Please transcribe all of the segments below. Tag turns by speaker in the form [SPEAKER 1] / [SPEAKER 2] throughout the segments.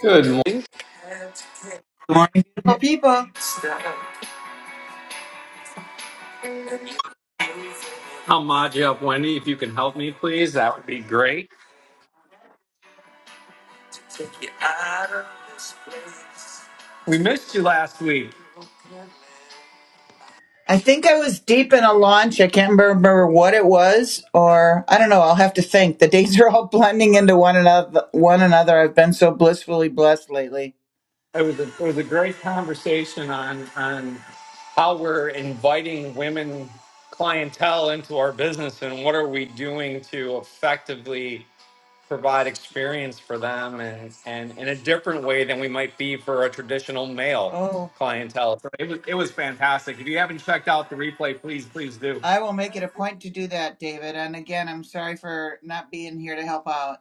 [SPEAKER 1] Good morning.
[SPEAKER 2] Good morning, beautiful people.
[SPEAKER 1] I'll mod you up, Wendy. If you can help me, please, that would be great. We missed you last week.
[SPEAKER 2] I think I was deep in a launch. I can't remember what it was, or I don't know. I'll have to think. The days are all blending into one another. One another. I've been so blissfully blessed lately.
[SPEAKER 1] It was a, it was a great conversation on on how we're inviting women clientele into our business and what are we doing to effectively provide experience for them and, and in a different way than we might be for a traditional male
[SPEAKER 2] Oh,
[SPEAKER 1] clientele. So it was, it was fantastic. If you haven't checked out the replay, please, please do.
[SPEAKER 2] I will make it a point to do that, David. And again, I'm sorry for not being here to help out.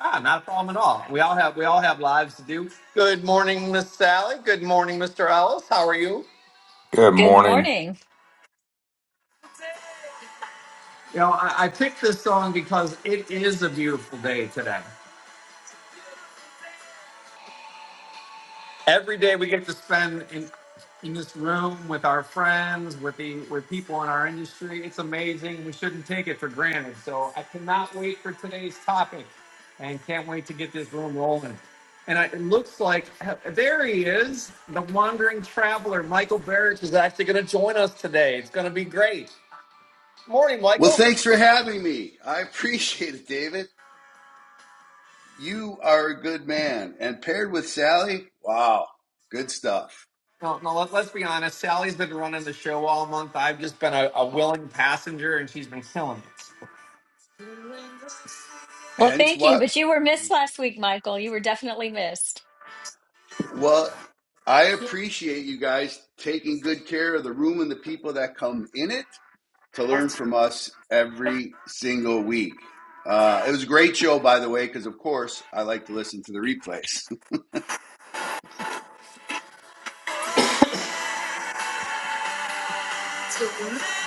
[SPEAKER 1] Ah, not a problem at all. We all have we all have lives to do. Good morning, Miss Sally. Good morning, Mr. Ellis. How are you?
[SPEAKER 3] Good
[SPEAKER 4] Good
[SPEAKER 3] morning.
[SPEAKER 4] morning.
[SPEAKER 1] You know, I, I picked this song because it is a beautiful day today. every day we get to spend in, in this room with our friends, with the with people in our industry. It's amazing. We shouldn't take it for granted. So I cannot wait for today's topic, and can't wait to get this room rolling. And I, it looks like uh, there he is, the wandering traveler. Michael Barrett is actually going to join us today. It's going to be great. Morning,
[SPEAKER 5] Well,
[SPEAKER 1] Michael.
[SPEAKER 5] thanks for having me. I appreciate it, David. You are a good man. And paired with Sally, wow, good stuff.
[SPEAKER 1] No, no. Let, let's be honest. Sally's been running the show all month. I've just been a, a willing passenger, and she's been killing it.
[SPEAKER 4] Well,
[SPEAKER 5] Hence
[SPEAKER 4] thank you,
[SPEAKER 5] what?
[SPEAKER 4] but you were missed last week, Michael. You were definitely missed.
[SPEAKER 5] Well, I appreciate you guys taking good care of the room and the people that come in it to learn from us every single week. Uh, it was a great show, by the way, because of course I like to listen to the replays.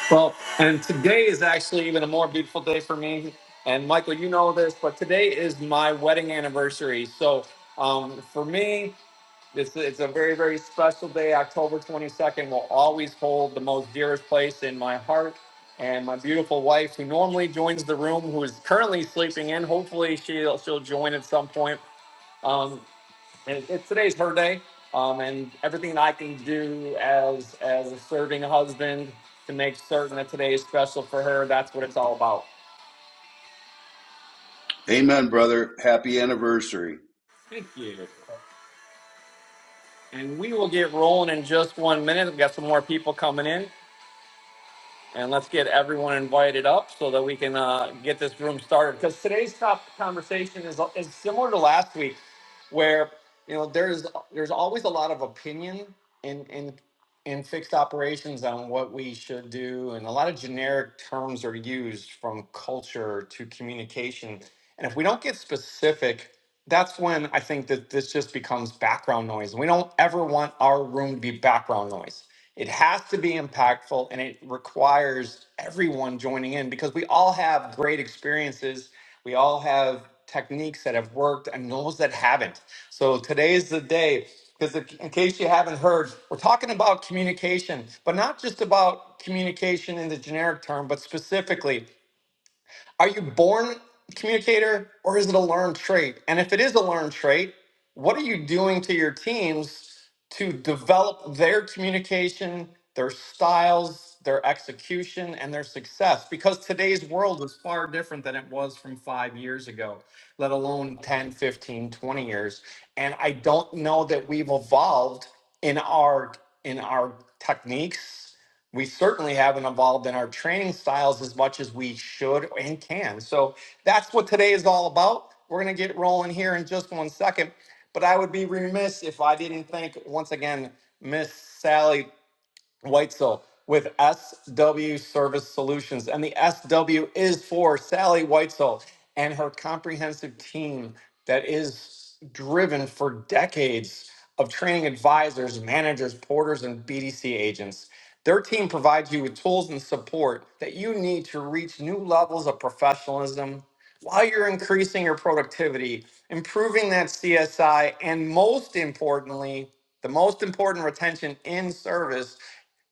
[SPEAKER 1] Well, and today is actually even a more beautiful day for me. And Michael, you know this, but today is my wedding anniversary. So um, for me, it's, it's a very, very special day. October 22nd will always hold the most dearest place in my heart. And my beautiful wife, who normally joins the room, who is currently sleeping in, hopefully she'll, she'll join at some point. Um, and it, today's her day. Um, and everything I can do as as a serving husband to make certain that today is special for her, that's what it's all about.
[SPEAKER 5] Amen, brother. Happy anniversary.
[SPEAKER 1] Thank you. And we will get rolling in just one minute. We've got some more people coming in. and let's get everyone invited up so that we can uh, get this room started. Because today's top conversation is is similar to last week, where you know there's there's always a lot of opinion in in in fixed operations on what we should do, and a lot of generic terms are used from culture to communication. And if we don't get specific that's when I think that this just becomes background noise. We don't ever want our room to be background noise. It has to be impactful and it requires everyone joining in because we all have great experiences. We all have techniques that have worked and those that haven't. So today's the day because in case you haven't heard, we're talking about communication, but not just about communication in the generic term, but specifically are you born communicator or is it a learned trait? And if it is a learned trait, what are you doing to your teams to develop their communication, their styles, their execution, and their success? Because today's world is far different than it was from five years ago, let alone 10, 15, 20 years. And I don't know that we've evolved in our in our techniques we certainly haven't evolved in our training styles as much as we should and can. So that's what today is all about. We're going to get rolling here in just one second. But I would be remiss if I didn't thank once again Miss Sally Weitzel with SW Service Solutions. And the SW is for Sally Weitzel and her comprehensive team that is driven for decades of training advisors, managers, porters, and BDC agents. Their team provides you with tools and support that you need to reach new levels of professionalism while you're increasing your productivity, improving that CSI, and most importantly, the most important retention in service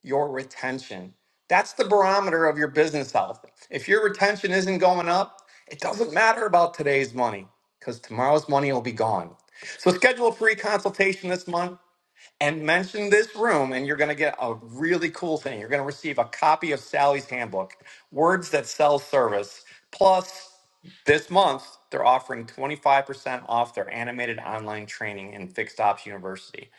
[SPEAKER 1] your retention. That's the barometer of your business health. If your retention isn't going up, it doesn't matter about today's money because tomorrow's money will be gone. So schedule a free consultation this month and mention this room, and you're going to get a really cool thing. You're going to receive a copy of Sally's handbook, Words That Sell Service. Plus, this month, they're offering 25% off their animated online training in Fixed Ops University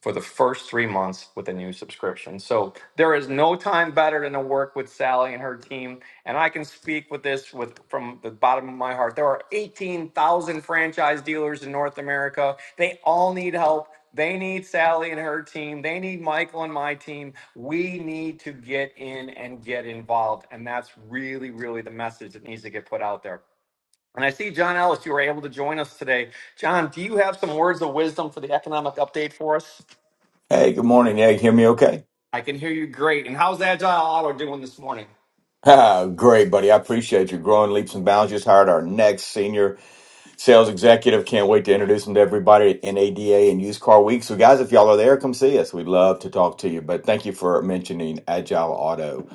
[SPEAKER 1] for the first three months with a new subscription. So there is no time better than to work with Sally and her team. And I can speak with this with from the bottom of my heart. There are 18,000 franchise dealers in North America. They all need help. They need Sally and her team. They need Michael and my team. We need to get in and get involved. And that's really, really the message that needs to get put out there. And I see John Ellis, you were able to join us today. John, do you have some words of wisdom for the economic update for us?
[SPEAKER 3] Hey, good morning. Yeah, you hear me okay?
[SPEAKER 1] I can hear you great. And how's Agile Auto doing this morning?
[SPEAKER 3] Ah, Great, buddy. I appreciate you growing leaps and bounds. Just hired our next senior sales executive. Can't wait to introduce him to everybody at NADA and Used Car Week. So, guys, if y'all are there, come see us. We'd love to talk to you. But thank you for mentioning Agile Auto.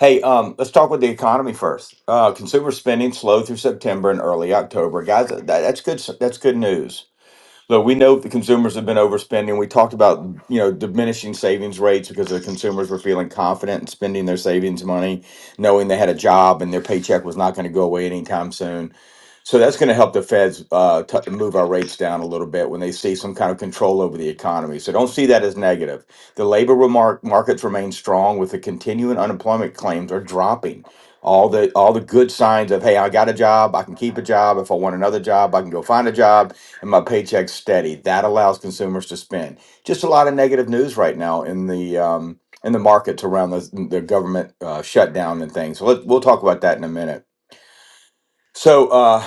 [SPEAKER 3] Hey, um, let's talk with the economy first. Uh, consumer spending slowed through September and early October, guys. That, that's good. That's good news. Look, we know the consumers have been overspending. We talked about, you know, diminishing savings rates because the consumers were feeling confident in spending their savings money, knowing they had a job and their paycheck was not going to go away anytime soon. So that's going to help the Feds uh, t- move our rates down a little bit when they see some kind of control over the economy. So don't see that as negative. The labor remark- markets remain strong with the continuing unemployment claims are dropping. All the all the good signs of hey, I got a job, I can keep a job. If I want another job, I can go find a job, and my paycheck's steady. That allows consumers to spend. Just a lot of negative news right now in the um, in the markets around the, the government uh, shutdown and things. So let, we'll talk about that in a minute. So uh,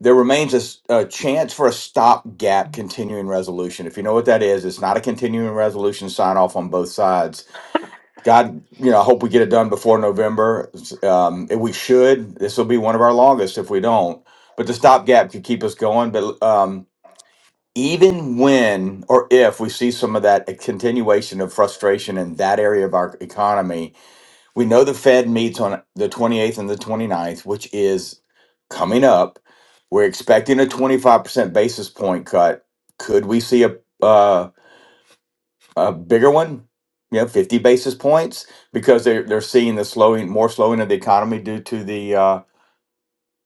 [SPEAKER 3] there remains a, s- a chance for a stopgap continuing resolution. If you know what that is, it's not a continuing resolution sign off on both sides. God, you know, I hope we get it done before November. S- Um, if we should. This will be one of our longest if we don't. But the stopgap could keep us going. But um, even when or if we see some of that continuation of frustration in that area of our economy, we know the Fed meets on the 28th and the 29th, which is coming up. We're expecting a 25% basis point cut. Could we see a uh, a bigger one? You know, 50 basis points because they're they're seeing the slowing, more slowing of the economy due to the uh,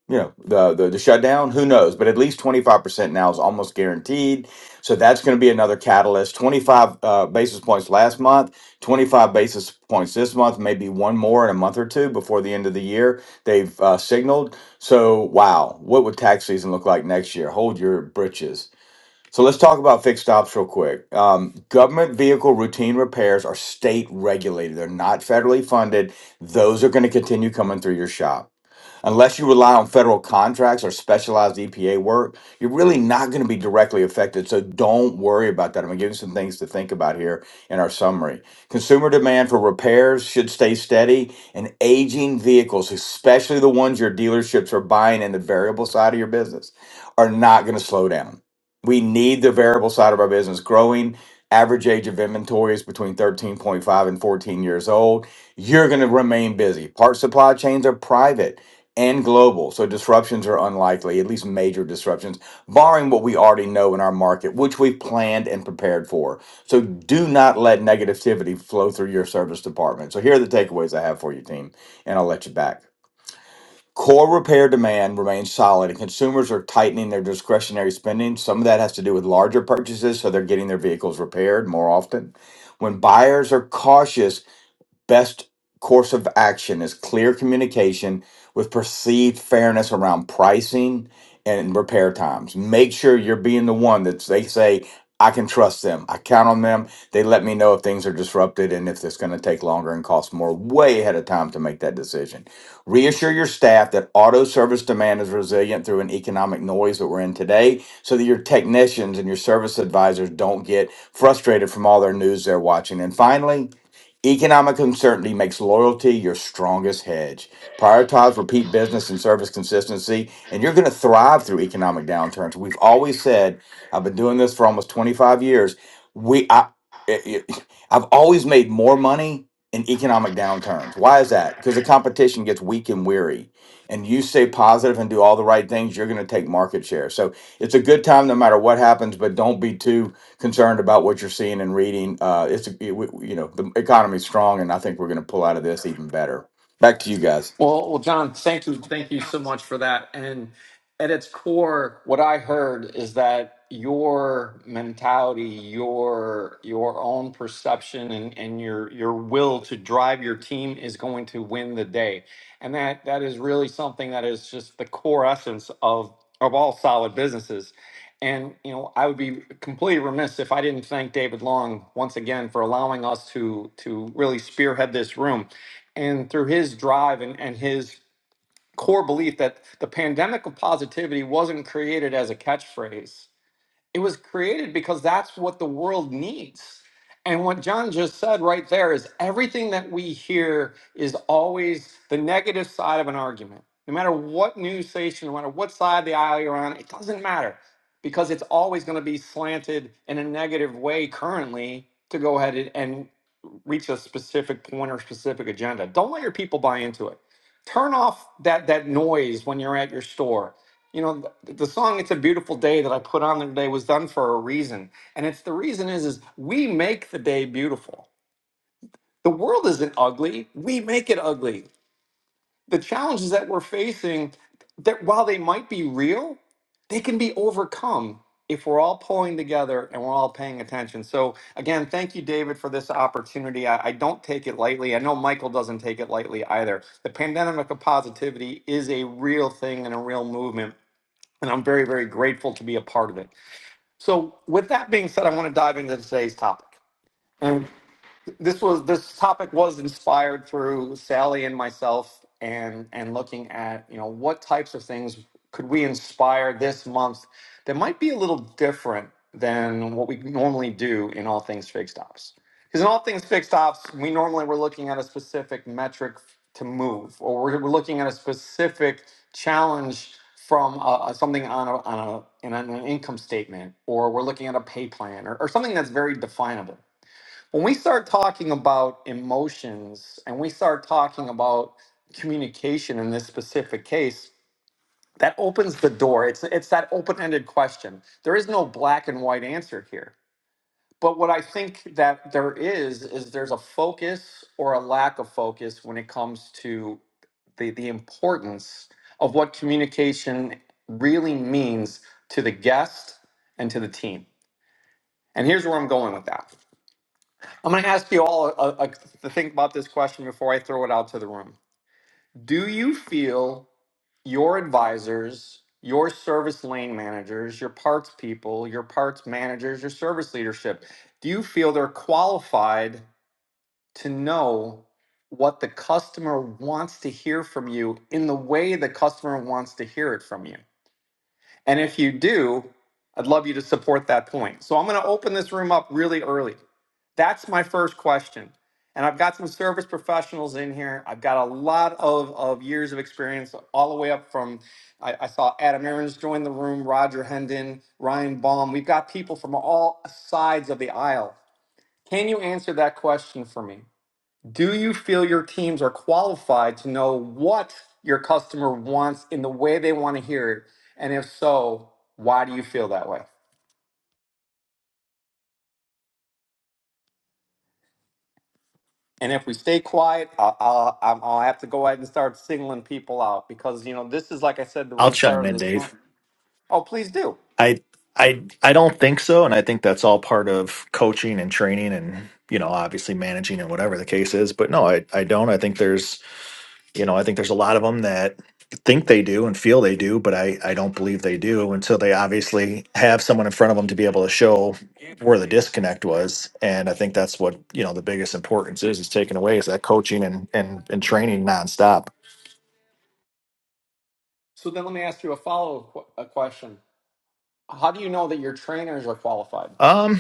[SPEAKER 3] you know the, the the shutdown who knows but at least 25% now is almost guaranteed so that's going to be another catalyst 25 uh, basis points last month 25 basis points this month maybe one more in a month or two before the end of the year they've uh, signaled so wow what would tax season look like next year hold your britches so let's talk about fixed ops real quick um, government vehicle routine repairs are state regulated they're not federally funded those are going to continue coming through your shop Unless you rely on federal contracts or specialized EPA work, you're really not going to be directly affected. So don't worry about that. I'm going to give you some things to think about here in our summary. Consumer demand for repairs should stay steady, and aging vehicles, especially the ones your dealerships are buying in the variable side of your business, are not going to slow down. We need the variable side of our business growing. Average age of inventory is between 13.5 and 14 years old. You're going to remain busy. Part supply chains are private and global. So disruptions are unlikely, at least major disruptions, barring what we already know in our market, which we've planned and prepared for. So do not let negativity flow through your service department. So here are the takeaways I have for you, team, and I'll let you back. Core repair demand remains solid, and consumers are tightening their discretionary spending. Some of that has to do with larger purchases, so they're getting their vehicles repaired more often. When buyers are cautious, best course of action is clear communication with perceived fairness around pricing and repair times. Make sure you're being the one that they say, I can trust them. I count on them. They let me know if things are disrupted and if it's going to take longer and cost more way ahead of time to make that decision. Reassure your staff that auto service demand is resilient through an economic noise that we're in today so that your technicians and your service advisors don't get frustrated from all their news they're watching. And finally, Economic uncertainty makes loyalty your strongest hedge. Prioritize repeat business and service consistency, and you're going to thrive through economic downturns. We've always said, I've been doing this for almost 25 years. We, I, it, it- I've always made more money in economic downturns. Why is that? Because the competition gets weak and weary, and you stay positive and do all the right things, you're going to take market share. So it's a good time no matter what happens, but don't be too concerned about what you're seeing and reading. Uh, it's it, we- you know the economy's strong, and I think we're going to pull out of this even better. Back to you guys.
[SPEAKER 1] Well, well, John, thank you, thank you so much for that. And at its core, what I heard is that your mentality, your your own perception, and, and your your will to drive your team is going to win the day, and that that is really something that is just the core essence of of all solid businesses. And you know, I would be completely remiss if I didn't thank David Long once again for allowing us to to really spearhead this room and through his drive and, and his core belief that the pandemic of positivity wasn't created as a catchphrase it was created because that's what the world needs. And what John just said right there is everything that we hear is always the negative side of an argument. No matter what news station, no matter what side of the aisle you're on, it doesn't matter because it's always going to be slanted in a negative way currently to go ahead and and reach a specific point or specific agenda. Don't let your people buy into it. Turn off that that noise when you're at your store you know the, the song it's a beautiful day that i put on there today was done for a reason and it's the reason is is we make the day beautiful the world isn't ugly we make it ugly the challenges that we're facing that while they might be real they can be overcome if we're all pulling together and we're all paying attention so again thank you david for this opportunity i, I don't take it lightly i know michael doesn't take it lightly either the pandemic of positivity is a real thing and a real movement and I'm very, very grateful to be a part of it. So, with that being said, I want to dive into today's topic. And this was this topic was inspired through Sally and myself and and looking at you know what types of things could we inspire this month that might be a little different than what we normally do in all things fixed ops because in all things fixed ops we normally we're looking at a specific metric to move or we're, we're looking at a specific challenge from uh, uh, something on a, on a in an income statement or we're looking at a pay plan or, or something that's very definable when we start talking about emotions and we start talking about communication in this specific case that opens the door it's it's that open-ended question there is no black and white answer here but what i think that there is is there's a focus or a lack of focus when it comes to the the importance of what communication really means to the guest and to the team and here's where i'm going with that I'm going to ask you all uh uh to think about this question before I throw it out to the room. Do you feel your advisors, your service lane managers, your parts people, your parts managers, your service leadership, do you feel they're qualified to know what the customer wants to hear from you in the way the customer wants to hear it from you? And if you do, I'd love you to support that point. So I'm going to open this room up really early. That's my first question. And I've got some service professionals in here. I've got a lot of, of years of experience, all the way up from I, I saw Adam Aarons join the room, Roger Hendon, Ryan Baum. We've got people from all sides of the aisle. Can you answer that question for me? Do you feel your teams are qualified to know what your customer wants in the way they want to hear it? And if so, why do you feel that way? And if we stay quiet, I'll, I'll, I'm- I'll have to go ahead and start singling people out because, you know, this is like I said when
[SPEAKER 6] I'll
[SPEAKER 1] we
[SPEAKER 6] chime
[SPEAKER 1] started
[SPEAKER 6] in,
[SPEAKER 1] this.
[SPEAKER 6] Dave.
[SPEAKER 1] Oh, please do.
[SPEAKER 6] I I I don't think so, and I think that's all part of coaching and training, and you know, obviously managing and whatever the case is. But no, I I don't. I think there's you know, I think there's a lot of them that think they do and feel they do, but I I don't believe they do until they obviously have someone in front of them to be able to show where the disconnect was. And I think that's what you know the biggest importance is is taken away is that coaching and and and training nonstop.
[SPEAKER 1] So then let me ask you a follow up qu- a question. How do you know that your trainers are qualified?
[SPEAKER 6] Um,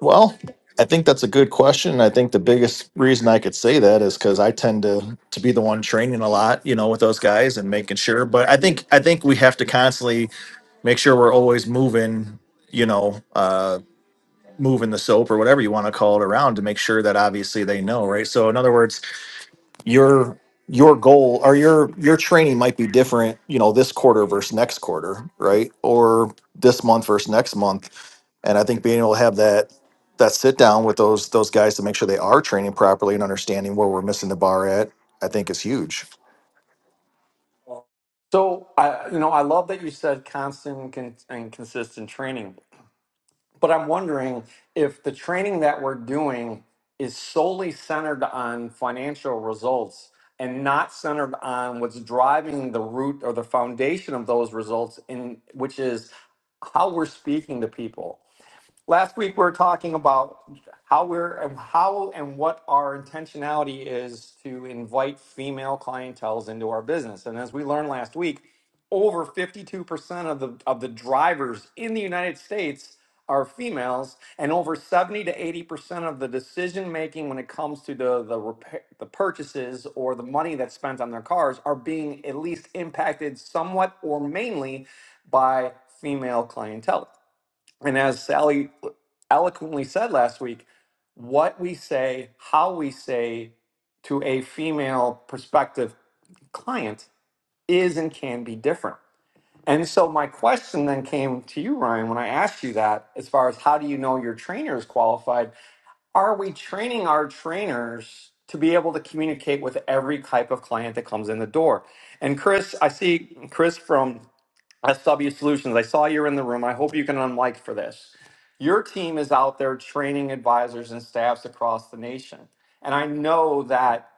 [SPEAKER 6] Well, I think that's a good question. I think the biggest reason I could say that is because I tend to to be the one training a lot, you know, with those guys and making sure. But I think I think we have to constantly make sure we're always moving, you know, uh, moving the soap or whatever you want to call it around to make sure that obviously they know, right? So in other words, your your goal or your your training might be different you know this quarter versus next quarter right or this month versus next month and i think being able to have that that sit down with those those guys to make sure they are training properly and understanding where we're missing the bar at i think is huge
[SPEAKER 1] So, I, you know, I love that you said constant and con- and consistent training But I'm wondering if the training that we're doing is solely centered on financial results and not centered on what's driving the root or the foundation of those results in which is how we're speaking to people last week we were talking about how we're how and what our intentionality is to invite female clientels into our business and as we learned last week over 52% of the of the drivers in the United States are females and over 70 to 80% of the decision making when it comes to the the repair, the purchases or the money that's spent on their cars are being at least impacted somewhat or mainly by female clientele and as Sally eloquently said last week, what we say, how we say to a female prospective client is and can be different. And so my question then came to you, Ryan, when I asked you that, as far as how do you know your trainer is qualified? Are we training our trainers to be able to communicate with every type of client that comes in the door? And Chris, I see Chris from SW Solutions, I saw you're in the room. I hope you can unlike for this. Your team is out there training advisors and staffs across the nation. And I know that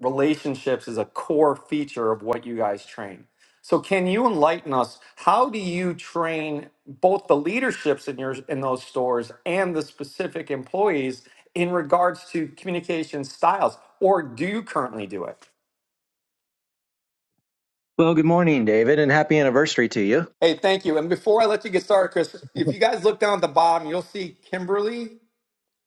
[SPEAKER 1] relationships is a core feature of what you guys train. So can you enlighten us? How do you train both the leaderships in your in those stores and the specific employees in regards to communication styles? Or do you currently do it?
[SPEAKER 7] Well, good morning, David, and happy anniversary to you.
[SPEAKER 1] Hey, thank you. And before I let you get started, Chris, if you guys look down at the bottom, you'll see Kimberly.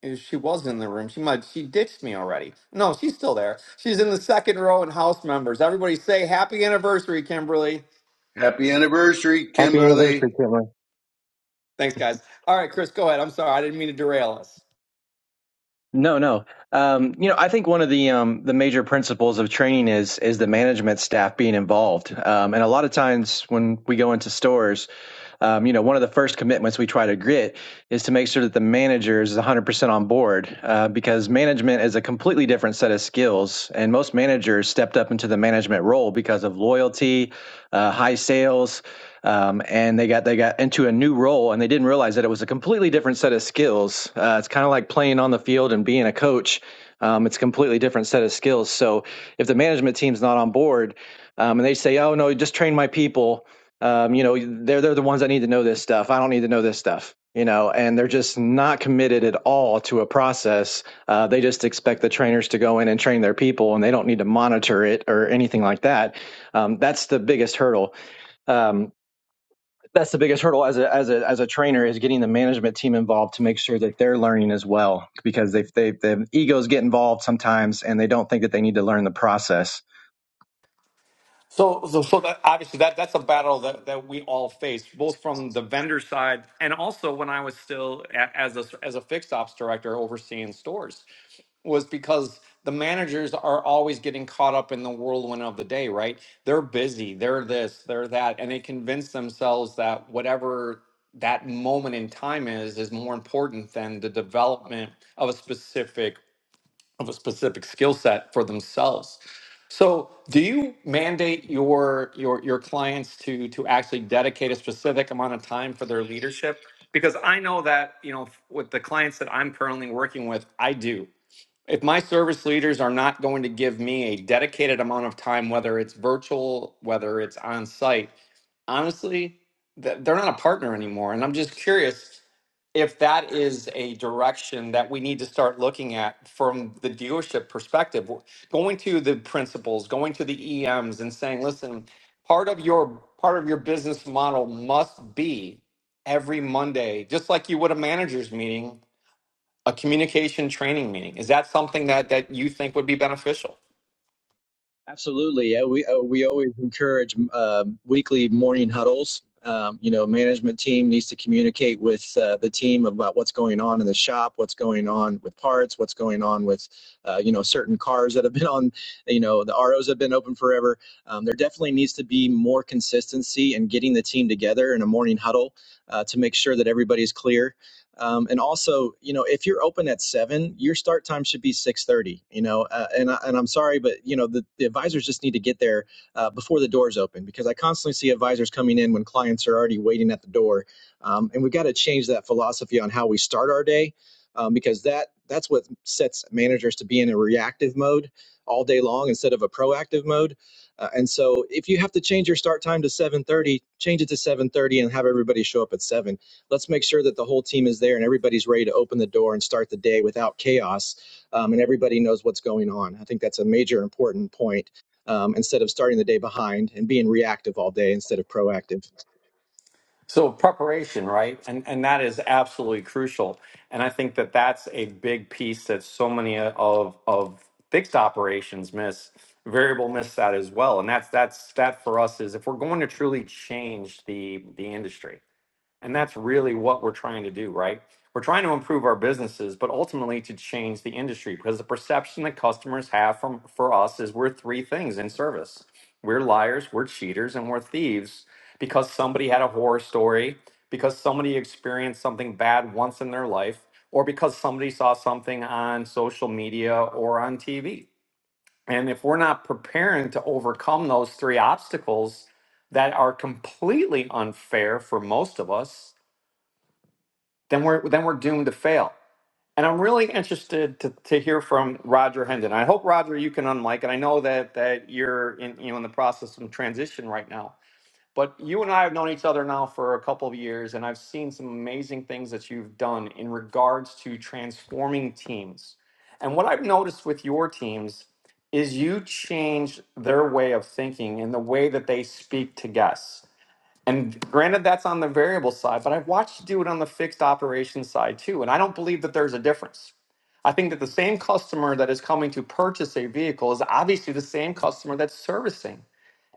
[SPEAKER 1] eh, She was in the room. She might she ditched me already. No, she's still there. She's in the second row and house members. Everybody say happy anniversary, Kimberly.
[SPEAKER 5] Happy anniversary,
[SPEAKER 7] Happy
[SPEAKER 5] Kimberly.
[SPEAKER 7] anniversary, Cameron.
[SPEAKER 1] Thanks, guys. All right, Chris, go ahead. I'm sorry. I didn't mean to derail us.
[SPEAKER 7] No, no. Um, you know, I think one of the um, the major principles of training is is the management staff being involved. Um, and a lot of times when we go into stores, um, you know, one of the first commitments we try to get is to make sure that the manager is 100% on board uh, because management is a completely different set of skills. And most managers stepped up into the management role because of loyalty, uh, high sales, um, and they got they got into a new role and they didn't realize that it was a completely different set of skills uh, it's kind of like playing on the field and being a coach um, it's a completely different set of skills so if the management team's not on board um, and they say oh no just train my people um, you know they're they're the ones that need to know this stuff i don't need to know this stuff you know and they're just not committed at all to a process uh, they just expect the trainers to go in and train their people and they don't need to monitor it or anything like that um, that's the biggest hurdle um, that's the biggest hurdle as a as a as a trainer is getting the management team involved to make sure that they're learning as well because they they the egos get involved sometimes and they don't think that they need to learn the process
[SPEAKER 1] So, so, so that, obviously that that's a battle that, that we all face, both from the vendor side and also when I was still a, as a as a fixed ops director overseeing stores, was because the managers are always getting caught up in the whirlwind of the day, right? They're busy, they're this, they're that, and they convince themselves that whatever that moment in time is is more important than the development of a specific of a specific skill set for themselves. So, do you mandate your your your clients to to actually dedicate a specific amount of time for their leadership? Because I know that you know with the clients that I'm currently working with, I do if my service leaders are not going to give me a dedicated amount of time, whether it's virtual, whether it's on site, honestly, th- they're not a partner anymore. And I'm just curious if that is a direction that we need to start looking at from the dealership perspective, W- going to the principals, going to the EMs and saying, listen, part of your part of your business model must be every Monday, just like you would a manager's meeting a communication training meeting is that something that that you think would be beneficial
[SPEAKER 7] Absolutely. Yeah, we uh, we always encourage um, weekly morning huddles. Um, you know, management team needs to communicate with uh, the team about what's going on in the shop, what's going on with parts, what's going on with uh, you know certain cars that have been on. You know, the ROs have been open forever. Um, there definitely needs to be more consistency in getting the team together in a morning huddle uh, to make sure that everybody's clear. Um, and also, you know, if you're open at seven, your start time should be six thirty. You know, uh, and I, and I'm sorry, but you know, the, the advisors just need to get there uh, before the doors open because I constantly see advisors coming in when clients are already waiting at the door, um, and we've got to change that philosophy on how we start our day um, because that that's what sets managers to be in a reactive mode all day long instead of a proactive mode. Uh, and so, if you have to change your start time to 7:30, change it to 7:30 and have everybody show up at 7 let's make sure that the whole team is there and everybody's ready to open the door and start the day without chaos um, and everybody knows what's going on. I think that's a major important point um, instead of starting the day behind and being reactive all day instead of proactive.
[SPEAKER 1] so preparation right and and that is absolutely crucial and i think that that's a big piece that so many of of fixed operations miss variable miss that as well and that's that's that for us is if we're going to truly change the the industry And that's really what we're trying to do, right? We're trying to improve our businesses, but ultimately to change the industry because the perception that customers have from for us is we're three things in service. We're liars, we're cheaters, and we're thieves because somebody had a horror story, because somebody experienced something bad once in their life, or because somebody saw something on social media or on TV. And if we're not preparing to overcome those three obstacles that are completely unfair for most of us, then we're then we're doomed to fail. And I'm really interested to, to hear from Roger Hendon. I hope Roger you can unmic, and I know that that you're in you know in the process of transition right now. But you and I have known each other now for a couple of years, and I've seen some amazing things that you've done in regards to transforming teams. And what I've noticed with your teams is you change their way of thinking and the way that they speak to guests. And granted, that's on the variable side, but I've watched you do it on the fixed operations side too. And I don't believe that there's a difference. I think that the same customer that is coming to purchase a vehicle is obviously the same customer that's servicing.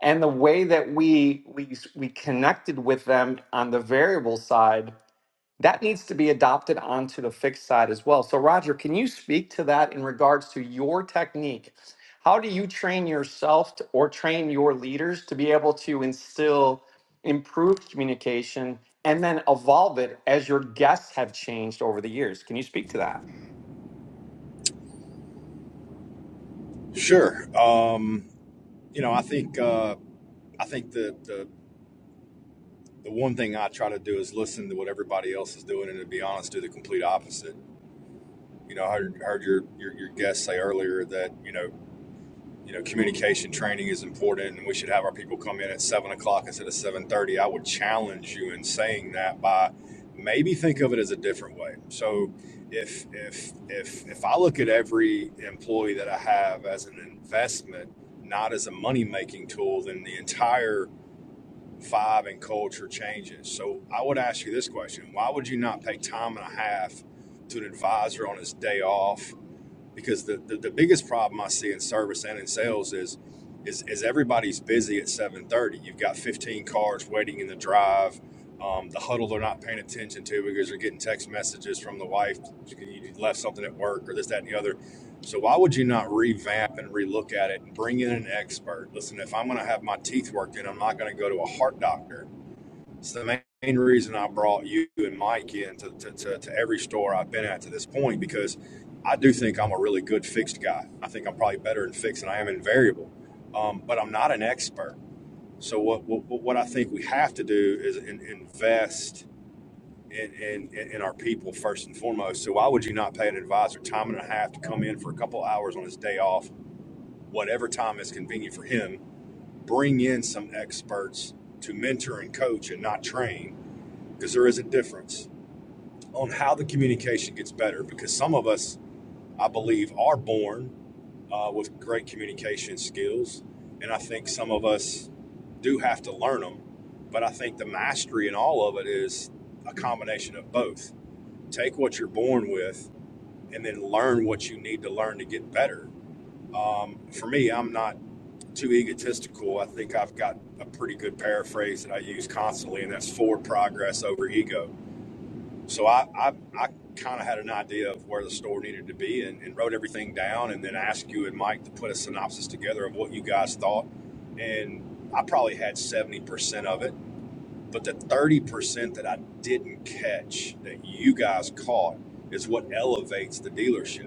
[SPEAKER 1] And the way that we we we connected with them on the variable side that needs to be adopted onto the fixed side as well. So, Roger, can you speak to that in regards to your technique? How do you train yourself to, or train your leaders to be able to instill improved communication and then evolve it as your guests have changed over the years? Can you speak to that?
[SPEAKER 8] Sure. Um, you know, I think uh, I think the, the the one thing I try to do is listen to what everybody else is doing, and to be honest, do the complete opposite. You know, I heard, heard your, your your guest say earlier that you know you know, communication training is important, and we should have our people come in at seven o'clock instead of seven thirty. I would challenge you in saying that by maybe think of it as a different way. So, if if if if I look at every employee that I have as an investment, not as a money making tool, then the entire vibe and culture changes. So, I would ask you this question: Why would you not pay time and a half to an advisor on his day off? because the, the, the biggest problem I see in service and in sales is is, is everybody's busy at 7:30. You've got 15 cars waiting in the drive. Um, the huddle they're not paying attention to because they're getting text messages from the wife. You left something at work or this, that, and the other. So why would you not revamp and relook at it and bring in an expert? Listen, if I'm going to have my teeth worked in, I'm not going to go to a heart doctor. It's the main reason I brought you and Mike in to, to, to, to every store I've been at to this point because I do think I'm a really good fixed guy. I think I'm probably better in fixed than I am in variable, um, but I'm not an expert. So what, what what I think we have to do is in, invest in, in in our people first and foremost. So why would you not pay an advisor time and a half to come in for a couple hours on his day off, whatever time is convenient for him? Bring in some experts to mentor and coach and not train because there is a difference on how the communication gets better. Because some of us, I believe, are born uh, with great communication skills, and I think some of us do have to learn them. But I think the mastery in all of it is a combination of both. Take what you're born with, and then learn what you need to learn to get better. Um, for me, I'm not too egotistical. I think I've got a pretty good paraphrase that I use constantly, and that's forward progress over ego So I, I, I kind of had an idea of where the store needed to be and, and wrote everything down and then asked you and Mike to put a synopsis together of what you guys thought. And I probably had 70% of it. But the 30% that I didn't catch that you guys caught is what elevates the dealership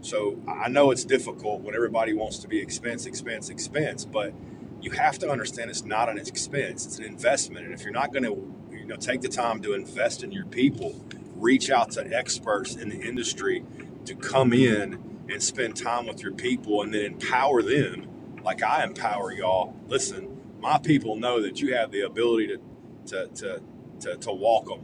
[SPEAKER 8] so I know it's difficult when everybody wants to be expense, expense, expense, but you have to understand it's not an expense, it's an investment. And if you're not going to you know take the time to invest in your people, reach out to experts in the industry to come in and spend time with your people and then empower them like I empower y'all. Listen, my people know that you have the ability to to to to, to walk them.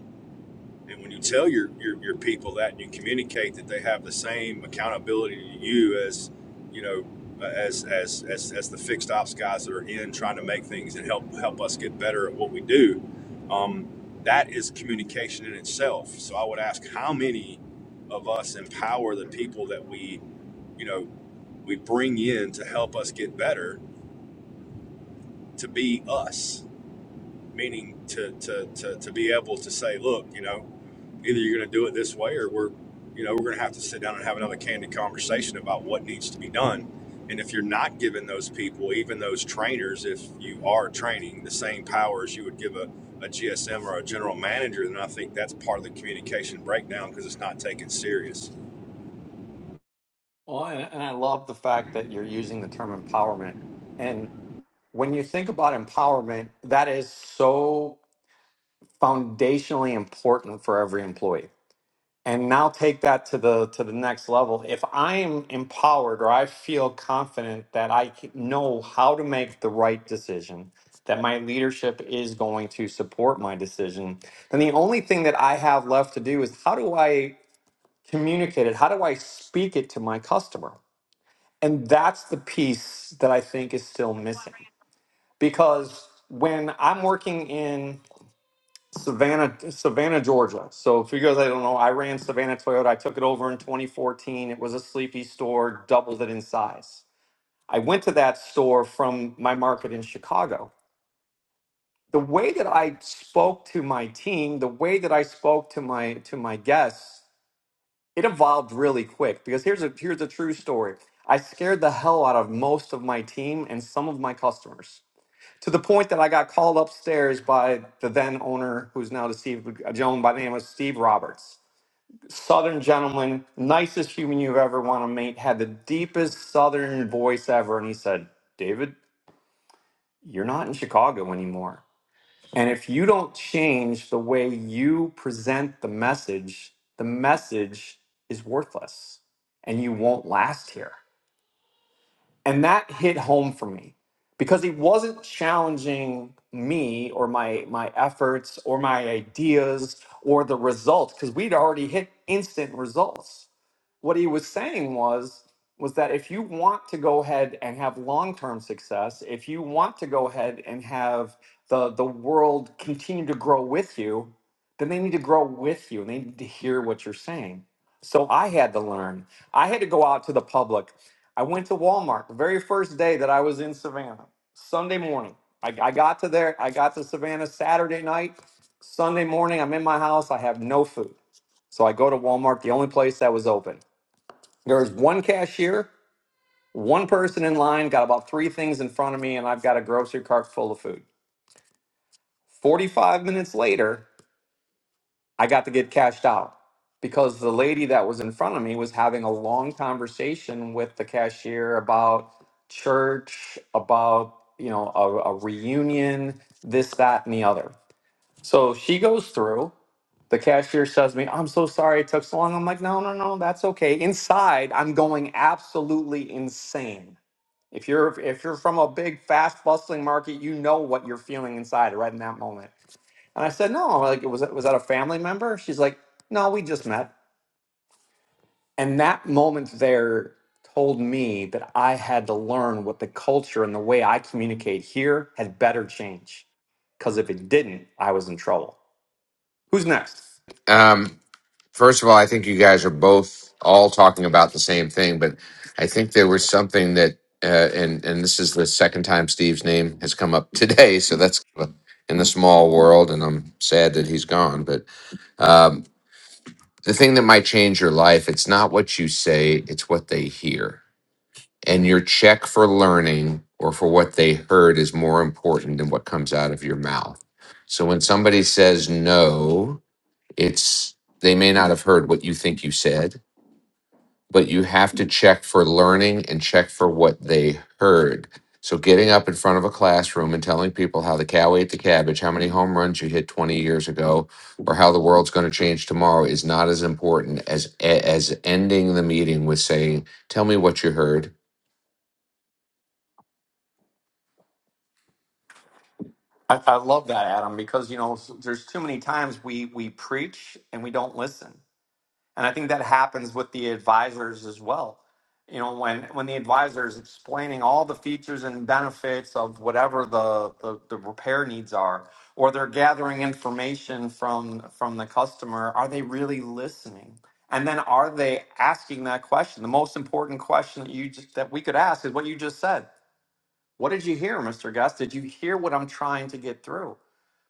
[SPEAKER 8] And when you tell your, your, your people that and you communicate that they have the same accountability to you as, you know, uh, as, as, as, as the fixed ops guys that are in trying to make things and help, help us get better at what we do, um, that is communication in itself. So I would ask how many of us empower the people that we, you know, we bring in to help us get better to be us, meaning to, to, to, to be able to say, look, you know, either you're going to do it this way or we're you know we're going to have to sit down and have another candid conversation about what needs to be done and if you're not giving those people even those trainers if you are training the same powers you would give a, a gsm or a general manager then i think that's part of the communication breakdown because it's not taken serious
[SPEAKER 1] Well, and, and I love the fact that you're using the term empowerment. And when you think about empowerment, that is so foundationally important for every employee and now take that to the to the next level if i am empowered or i feel confident that i c- know how to make the right decision that my leadership is going to support my decision then the only thing that i have left to do is how do i communicate it how do i speak it to my customer and that's the piece that i think is still missing because when i'm working in Savannah, Savannah, Georgia. So if you guys I don't know, I ran Savannah Toyota. I took it over in 2014. It was a sleepy store, doubled it in size. I went to that store from my market in Chicago. The way that I spoke to my team, the way that I spoke to my to my guests, it evolved really quick because here's a here's a true story. I scared the hell out of most of my team and some of my customers to the point that I got called upstairs by the then owner, who's now deceived, a gentleman by the name of Steve Roberts. Southern gentleman, nicest human you've ever want to meet, had the deepest Southern voice ever. And he said, David, you're not in Chicago anymore. And if you don't change the way you present the message, the message is worthless and you won't last here. And that hit home for me because he wasn't challenging me or my my efforts or my ideas or the results because we'd already hit instant results what he was saying was was that if you want to go ahead and have long-term success, if you want to go ahead and have the the world continue to grow with you, then they need to grow with you and they need to hear what you're saying. So I had to learn. I had to go out to the public. I went to Walmart the very first day that I was in Savannah, Sunday morning. I, I got to there, I got to Savannah Saturday night. Sunday morning, I'm in my house, I have no food. So I go to Walmart, the only place that was open. There was one cashier, one person in line, got about three things in front of me, and I've got a grocery cart full of food. 45 minutes later, I got to get cashed out because the lady that was in front of me was having a long conversation with the cashier about church, about, you know, a, a reunion, this, that, and the other. So she goes through. The cashier says to me, I'm so sorry it took so long. I'm like, no, no, no, that's okay. Inside, I'm going absolutely insane If you're if you're from a big, fast, bustling market, you know what you're feeling inside right in that moment. And I said, no, like was that was that a family member? She's like, no, we just met. And that moment there told me that I had to learn what the culture and the way I communicate here had better change. Because if it didn't, I was in trouble. Who's next?
[SPEAKER 9] Um, first of all, I think you guys are both all talking about the same thing, but I think there was something that, uh, and and this is the second time Steve's name has come up today, so that's in the small world, and I'm sad that he's gone. But um, the thing that might change your life, it's not what you say, it's what they hear, and your check for learning or for what they heard is more important than what comes out of your mouth. So when somebody says no, it's they may not have heard what you think you said but you have to check for learning and check for what they heard so getting up in front of a classroom and telling people how the cow ate the cabbage how many home runs you hit 20 years ago or how the world's going to change tomorrow is not as important as as ending the meeting with saying tell me what you heard
[SPEAKER 1] I, I love that, Adam, because you know s- there's too many times we we preach and we don't listen and i think that happens with the advisors as well you know when when the advisor is explaining all the features and benefits of whatever the, the the repair needs are or they're gathering information from from the customer are they really listening and then are they asking that question the most important question that you just that we could ask is what you just said what did you hear mr guest did you hear what i'm trying to get through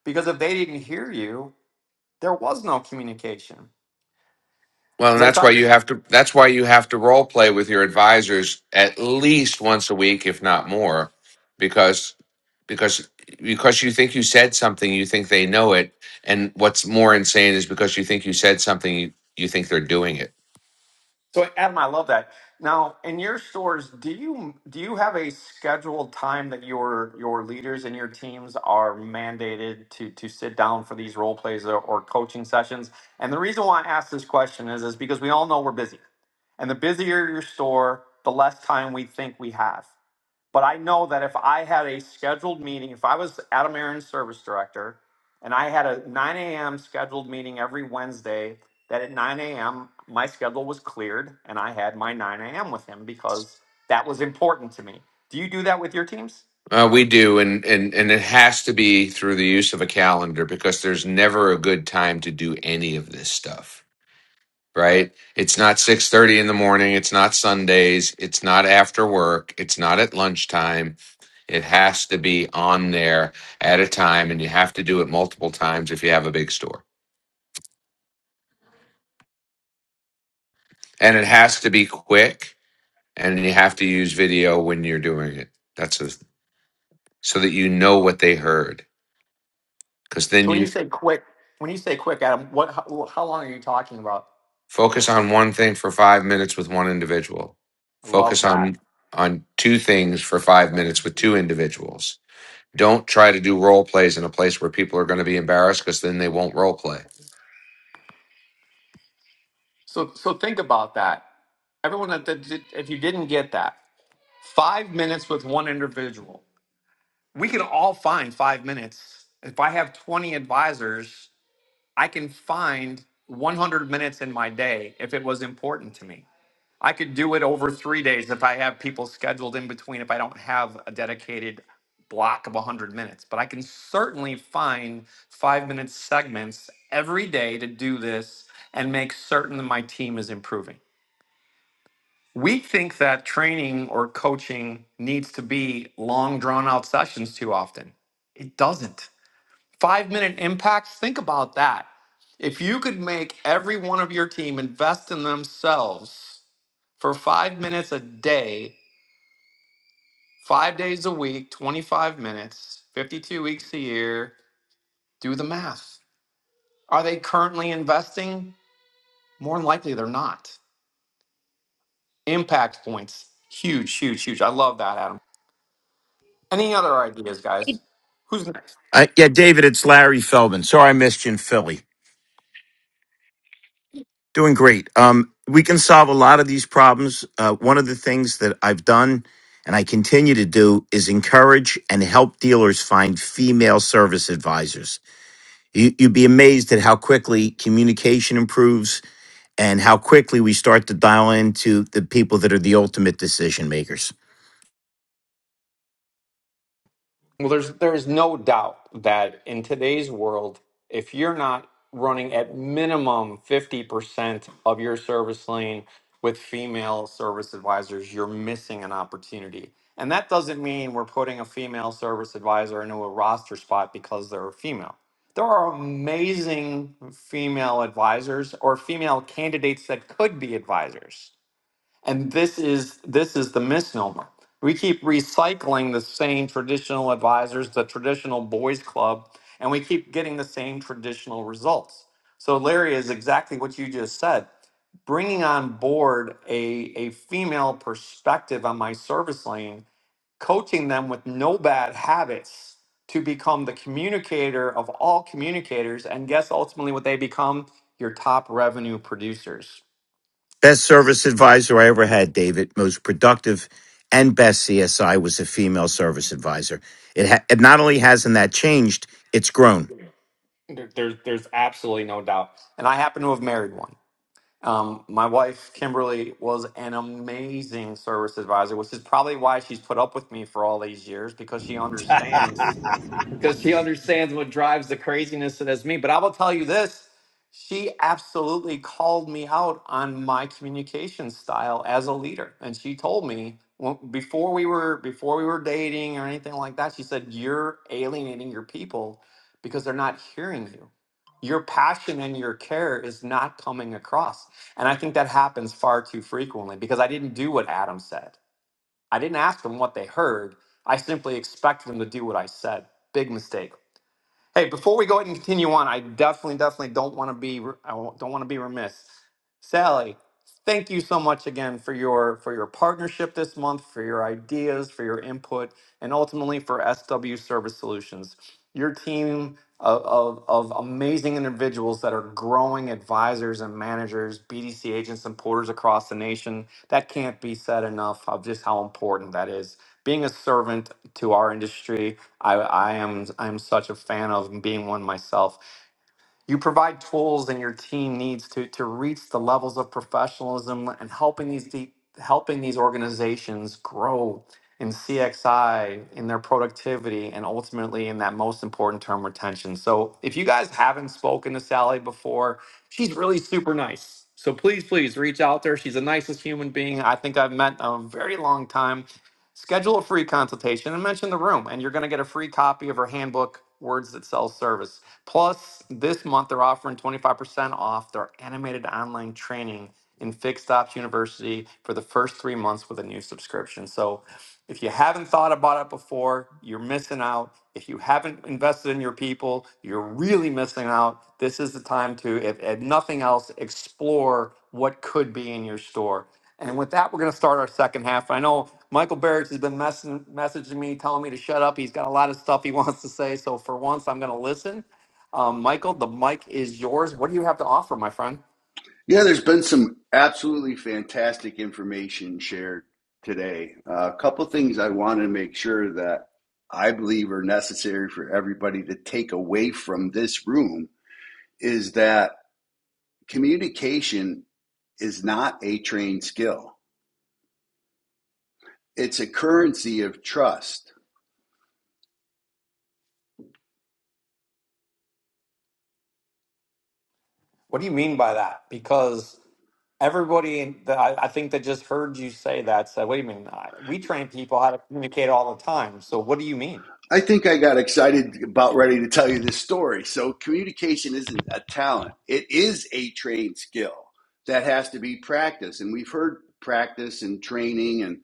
[SPEAKER 1] because if they didn't hear you there was no communication
[SPEAKER 9] Well, and
[SPEAKER 1] As I,
[SPEAKER 9] that's why
[SPEAKER 1] talk,
[SPEAKER 9] you have to that's why you have to role play with your advisors at least once a week, if not more, because because because you think you said something, you think they know it, and what's more insane is because you think you said something, you, you think they're doing it.
[SPEAKER 1] So Adam, I love that. Now, in your stores, do you do you have a scheduled time that your your leaders and your teams are mandated to to sit down for these role plays or, or coaching sessions? And the reason why I ask this question is is because we all know we're busy. And the busier your store, the less time we think we have. But I know that if I had a scheduled meeting, if I was Adam Aaron's service director and I had a 9 a.m. scheduled meeting every Wednesday, that at 9 a.m. my schedule was cleared and I had my 9 a.m. with him because that was important to me. Do you do that with your teams?
[SPEAKER 9] Uh, we do, and and and it has to be through the use of a calendar because there's never a good time to do any of this stuff, right? It's not six thirty in the morning. It's not Sundays. It's not after work. It's not at lunchtime It has to be on there at a time, and you have to do it multiple times if you have a big store. And it has to be quick, and you have to use video when you're doing it. That's a, so that you know what they heard. Because then
[SPEAKER 1] So when
[SPEAKER 9] you
[SPEAKER 1] you say quick, when you say quick, Adam, what how, how long are you talking about?
[SPEAKER 9] focus on one thing for five minutes with one individual.
[SPEAKER 1] I love
[SPEAKER 9] Focus
[SPEAKER 1] that.
[SPEAKER 9] on on two things for five minutes with two individuals. Don't try to do role plays in a place where people are going to be embarrassed because then they won't role play
[SPEAKER 1] So so think about that. Everyone that that did- if you didn't get that, 5 minutes with one individual. we can all find five minutes. If I have 20 advisors, I can find 100 minutes in my day if it was important to me. I could do it over three days if I have people scheduled in between, if I don't have a dedicated block of 100 minutes. But I can certainly find five minute segments every day to do this and make certain that my team is improving. We think that training or coaching needs to be long, drawn out sessions too often. It doesn't. Five minute impacts, think about that. If you could make every one of your team invest in themselves for five minutes a day, five days a week, 25 minutes, 52 weeks a year, do the math. Are they currently investing? More than likely, they're not. Impact points, huge, huge, huge. I love that, Adam. Any other ideas, guys? Who's next?
[SPEAKER 10] Uh, yeah, David, it's Larry Feldman. Sorry I missed you in Philly. Doing great. Um, we can solve a lot of these problems. Uh, one of the things that I've done and I continue to do is encourage and help dealers find female service advisors. You, you'd be amazed at how quickly communication improves and how quickly we start to dial into the people that are the ultimate decision makers.
[SPEAKER 1] Well, there's there's no doubt that in today's world, if you're not running at minimum 50% of your service lane with female service advisors, you're missing an opportunity. And that doesn't mean we're putting a female service advisor into a roster spot because they're a female. There are amazing female advisors or female candidates that could be advisors and this is this is the misnomer we keep recycling the same traditional advisors the traditional boys club and we keep getting the same traditional results so larry is exactly what you just said bringing on board a, a female perspective on my service lane coaching them with no bad habits to become the communicator of all communicators and guess ultimately what they become your top revenue producers
[SPEAKER 10] Best service advisor I ever had, David. Most productive and best CSI was a female service advisor. It ha- and not only hasn't that changed, it's grown.
[SPEAKER 1] There, there's there's absolutely no doubt. And I happen to have married one. Um, my wife Kimberly was an amazing service advisor, which is probably why she's put up with me for all these years because she understands because she understands what drives the craziness that is me. But I will tell you this she absolutely called me out on my communication style as a leader. And she told me well, before we were before we were dating or anything like that, she said, You're alienating your people because they're not hearing you. Your passion and your care is not coming across. And I think that happens far too frequently because I didn't do what Adam said. I didn't ask them what they heard. I simply expected them to do what I said. Big mistake. Hey, before we go ahead and continue on, I definitely, definitely don't want to be, I won't- don't want to be remiss. Sally, thank you so much again for your for your partnership this month, for your ideas, for your input, and ultimately for SW Service Solutions your team of, of, of amazing individuals that are growing advisors and managers, BDC agents and porters across the nation. That can't be said enough of just how important that is. Being a servant to our industry, I, I am I'm such a fan of and being one myself. You provide tools and your team needs to, to reach the levels of professionalism and helping these de- helping these organizations grow in CXI, in their productivity, and ultimately in that most important term, retention. So if you guys haven't spoken to Sally before, she's really super nice. So please, please reach out to her. She's the nicest human being I think I've met in a very long time. Schedule a free consultation and mention the room, and you're going to get a free copy of our handbook, Words That Sell Service. Plus, this month they're offering 25% off their animated online training in Fixed Ops University for the first three months with a new subscription. So, if you haven't thought about it before, you're missing out. If you haven't invested in your people, you're really missing out. This is the time to, if, if nothing else, explore what could be in your store. And with that, we're going to start our second half. I know Michael Barrett has been messing, messaging me, telling me to shut up. He's got a lot of stuff he wants to say. So for once, I'm going to listen. Um, Michael, the mic is yours. What do you have to offer, my friend?
[SPEAKER 5] Yeah, there's been some absolutely fantastic information shared today. Uh, a couple things I want to make sure that I believe are necessary for everybody to take away from this room is that communication is not a trained skill. It's a currency of trust.
[SPEAKER 1] What do you mean by that? Because everybody that I, I think that just heard you say that said, wait a minute, I, we train people how to communicate all the time. So what do you mean?
[SPEAKER 5] I think I got excited about ready to tell you this story. So, communication isn't a talent, it is a trained skill that has to be practiced. And we've heard practice and training and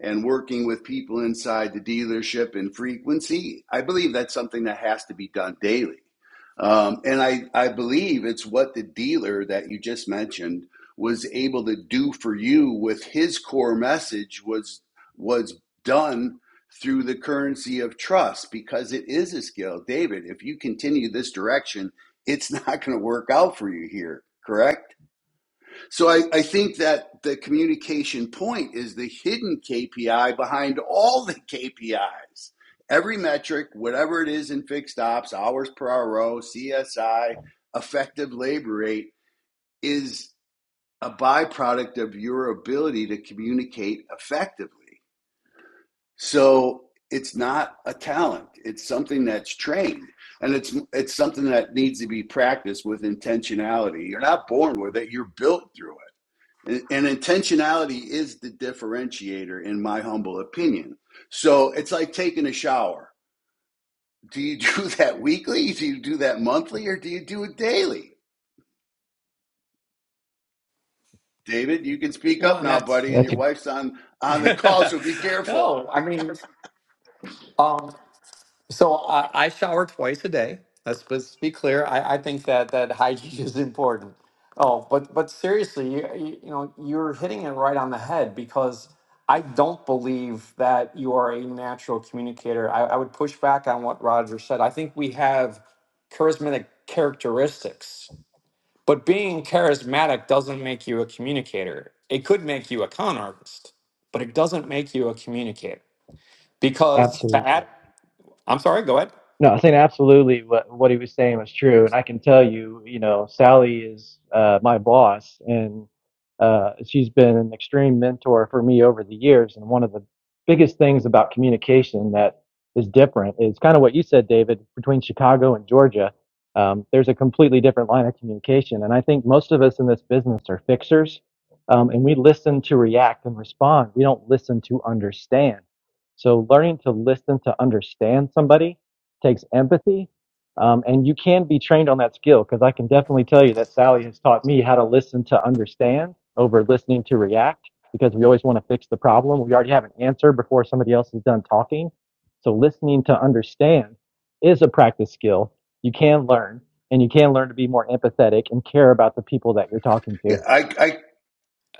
[SPEAKER 5] and working with people inside the dealership and frequency, I believe that's something that has to be done daily. Um, and I, I believe it's what the dealer that you just mentioned was able to do for you with his core message was was done through the currency of trust because it is a skill. David, if you continue this direction, it's not going to work out for you here, correct? So I, I think that the communication point is the hidden KPI behind all the KPIs. Every metric, whatever it is in fixed ops, hours per hour, row, CSI, effective labor rate, is a byproduct of your ability to communicate effectively. So it's not a talent. It's something that's trained, and it's it's something that needs to be practiced with intentionality. You're not born with it. You're built through it, and, and intentionality is the differentiator, in my humble opinion. So it's like taking a shower. Do you do that weekly? Do you do that monthly, or do you do it daily? David, you can speak
[SPEAKER 1] Well,
[SPEAKER 5] up
[SPEAKER 1] and
[SPEAKER 5] now,
[SPEAKER 1] that's,
[SPEAKER 5] buddy, and
[SPEAKER 7] That's
[SPEAKER 5] your wife's on on the call, so be careful.
[SPEAKER 1] no, I mean, um, So I, I shower twice a day. Let's, let's be clear. I, I think that that hygiene is important. Oh, but but seriously, you, you you know you're hitting it right on the head because I don't believe that you are a natural communicator. I, I would push back on what Roger said. I think we have charismatic characteristics, but being charismatic doesn't make you a communicator. It could make you a con artist, but it doesn't make you a communicator because that.
[SPEAKER 7] absolutely.
[SPEAKER 1] I'm sorry. Go ahead.
[SPEAKER 7] No, I think absolutely what what he was saying was true, and I can tell you, you know, Sally is uh, my boss, and uh, she's been an extreme mentor for me over the years. And one of the biggest things about communication that is different is kind of what you said, David, between Chicago and Georgia. Um, there's a completely different line of communication, and I think most of us in this business are fixers, um, and we listen to react and respond. We don't listen to understand. So learning to listen to understand somebody takes empathy. Um, and you can be trained on that skill because I can definitely tell you that Sally has taught me how to listen to understand over listening to react because we always want to fix the problem. We already have an answer before somebody else is done talking. So listening to understand is a practice skill you can learn and you can learn to be more empathetic and care about the people that you're talking
[SPEAKER 5] Yeah,
[SPEAKER 7] to.
[SPEAKER 5] I, I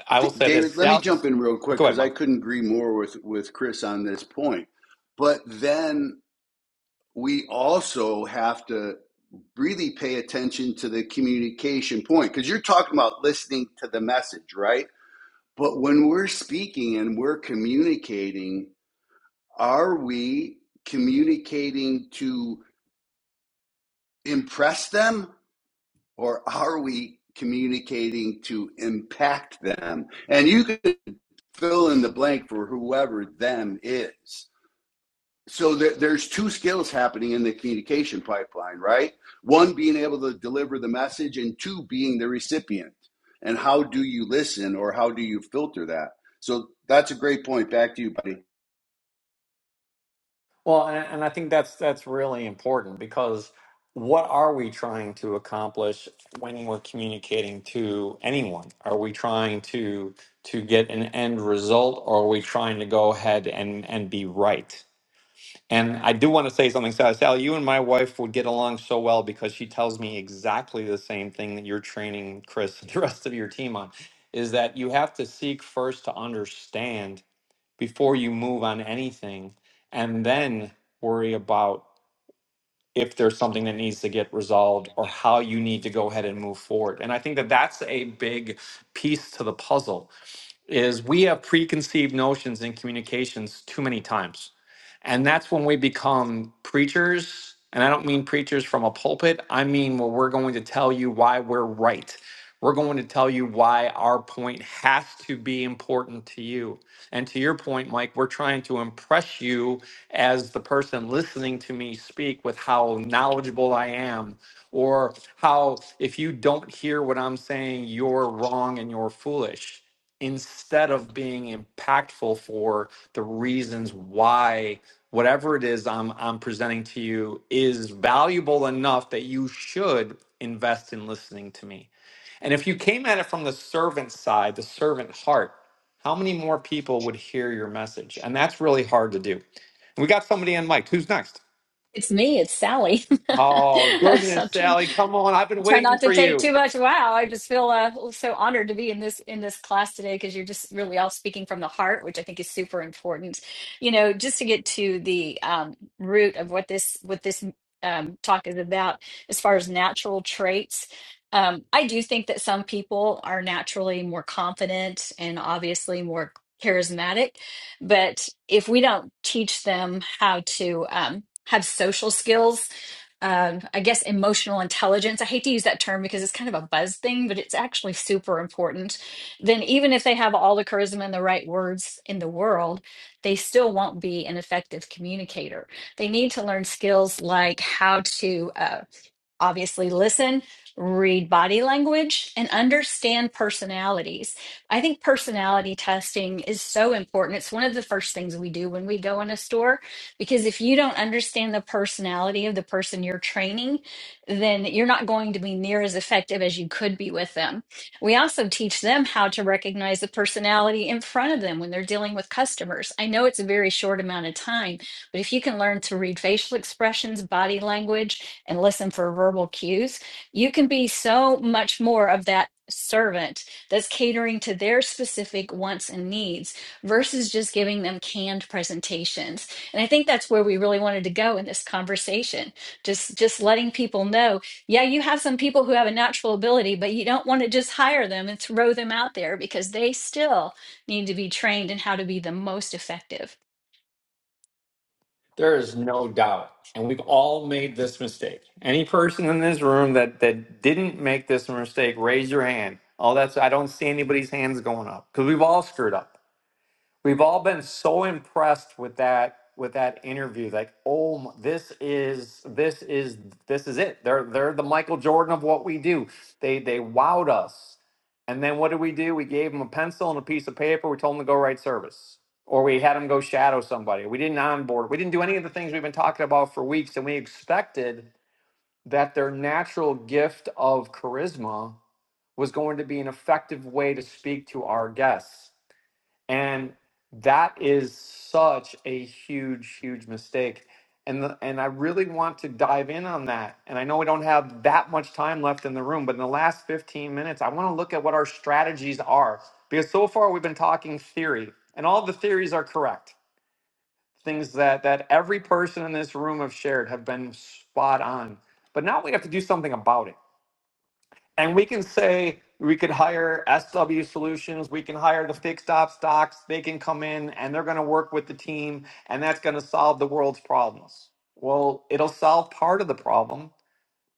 [SPEAKER 1] I
[SPEAKER 5] D-
[SPEAKER 1] will say
[SPEAKER 5] David,
[SPEAKER 1] this.
[SPEAKER 5] let me jump
[SPEAKER 1] South.
[SPEAKER 5] in real quick
[SPEAKER 1] Go ahead,
[SPEAKER 5] because I
[SPEAKER 1] Mike.
[SPEAKER 5] couldn't agree more with, with Chris on this point. But then we also have to really pay attention to the communication point because you're talking about listening to the message, right? But when we're speaking and we're communicating, are we communicating to impress them or are we communicating to impact them? And you can fill in the blank for whoever them is. So there, there's two skills happening in the communication pipeline, right? One being able to deliver the message, and two being the recipient. And how do you listen, or how do you filter that? So that's a great point. Back to you, buddy.
[SPEAKER 1] Well, and, and I think that's that's really important because what are we trying to accomplish when we're communicating to anyone? Are we trying to to get an end result, or are we trying to go ahead and and be right? And I do want to say something, Sally. Sally, you and my wife would get along so well because she tells me exactly the same thing that you're training Chris and the rest of your team on, is that you have to seek first to understand before you move on anything and then worry about if there's something that needs to get resolved or how you need to go ahead and move forward. And I think that that's a big piece to the puzzle is we have preconceived notions in communications too many times. And that's when we become preachers. And I don't mean preachers from a pulpit, I mean where we're going to tell you why we're right. We're going to tell you why our point has to be important to you. And to your point, Mike, we're trying to impress you as the person listening to me speak with how knowledgeable I am, or how if you don't hear what I'm saying, you're wrong and you're foolish instead of being impactful for the reasons why whatever it is I'm I'm presenting to you is valuable enough that you should invest in listening to me. And if you came at it from the servant side, the servant heart, how many more people would hear your message? And that's really hard to do. We got somebody on mic. Who's next?
[SPEAKER 4] It's me, it's Sally.
[SPEAKER 1] Oh, goodness,
[SPEAKER 4] I
[SPEAKER 1] Sally, come on. I've been
[SPEAKER 4] I'll try
[SPEAKER 1] waiting
[SPEAKER 4] not
[SPEAKER 1] for
[SPEAKER 4] to take
[SPEAKER 1] you.
[SPEAKER 4] too much. Wow, I just feel uh, so honored to be in this in this class today because you're just really all speaking from the heart, which I think is super important. You know, just to get to the um, root of what this what this um, talk is about, as far as natural traits. Um, I do think that some people are naturally more confident and obviously more charismatic, but if we don't teach them how to um, have social skills um, I guess, emotional intelligence. I hate to use that term because it's kind of a buzz thing, but it's actually super important. Then, even if they have all the charisma and the right words in the world, they still won't be an effective communicator. They need to learn skills like how to. uh, obviously listen, read body language, and understand personalities. I think personality testing is so important. It's one of the first things we do when we go in a store because if you don't understand the personality of the person you're training, then you're not going to be near as effective as you could be with them. We also teach them how to recognize the personality in front of them when they're dealing with customers. I know it's a very short amount of time, but if you can learn to read facial expressions, body language, and listen for verbal cues, you can be so much more of that servant that's catering to their specific wants and needs versus just giving them canned presentations. And I think that's where we really wanted to go in this conversation. Just just letting people know, yeah, you have some people who have a natural ability, but you don't want to just hire them and throw them out there because they still need to be trained in how to be the most effective.
[SPEAKER 1] There is no doubt. And we've all made this mistake. Any person in this room that that didn't make this mistake, raise your hand. Oh, that's I don't see anybody's hands going up because we've all screwed up. We've all been so impressed with that with that interview. Like, oh, my, this is this is this is it. They're they're the Michael Jordan of what we do. They they wowed us. And then what did we do? We gave them a pencil and a piece of paper. We told them to go write service, or we had them go shadow somebody. We didn't onboard. We didn't do any of the things we've been talking about for weeks, and we expected that their natural gift of charisma was going to be an effective way to speak to our guests and that is such a huge huge mistake and the, and I really want to dive in on that and I know we don't have that much time left in the room but in the last 15 minutes I want to look at what our strategies are because so far we've been talking theory and all the theories are correct things that that every person in this room have shared have been spot on but now we have to do something about it and we can say we could hire SW Solutions, we can hire the fixed op stocks, they can come in and they're going to work with the team and that's going to solve the world's problems. Well, it'll solve part of the problem,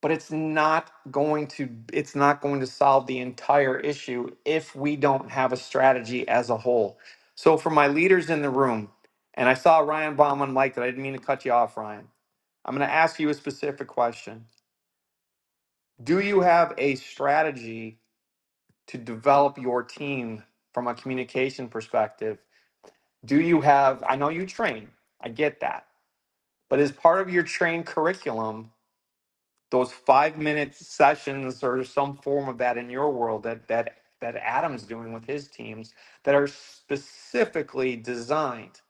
[SPEAKER 1] but it's not going to it's not going to solve the entire issue if we don't have a strategy as a whole. So for my leaders in the room, and I saw Ryan Baum Mike that I didn't mean to cut you off, Ryan. I'm going to ask you a specific question. Do you have a strategy to develop your team from a communication perspective? Do you have, I know you train, I get that, but as part of your train curriculum, those five minute sessions or some form of that in your world that, that, that Adam's doing with his teams that are specifically designed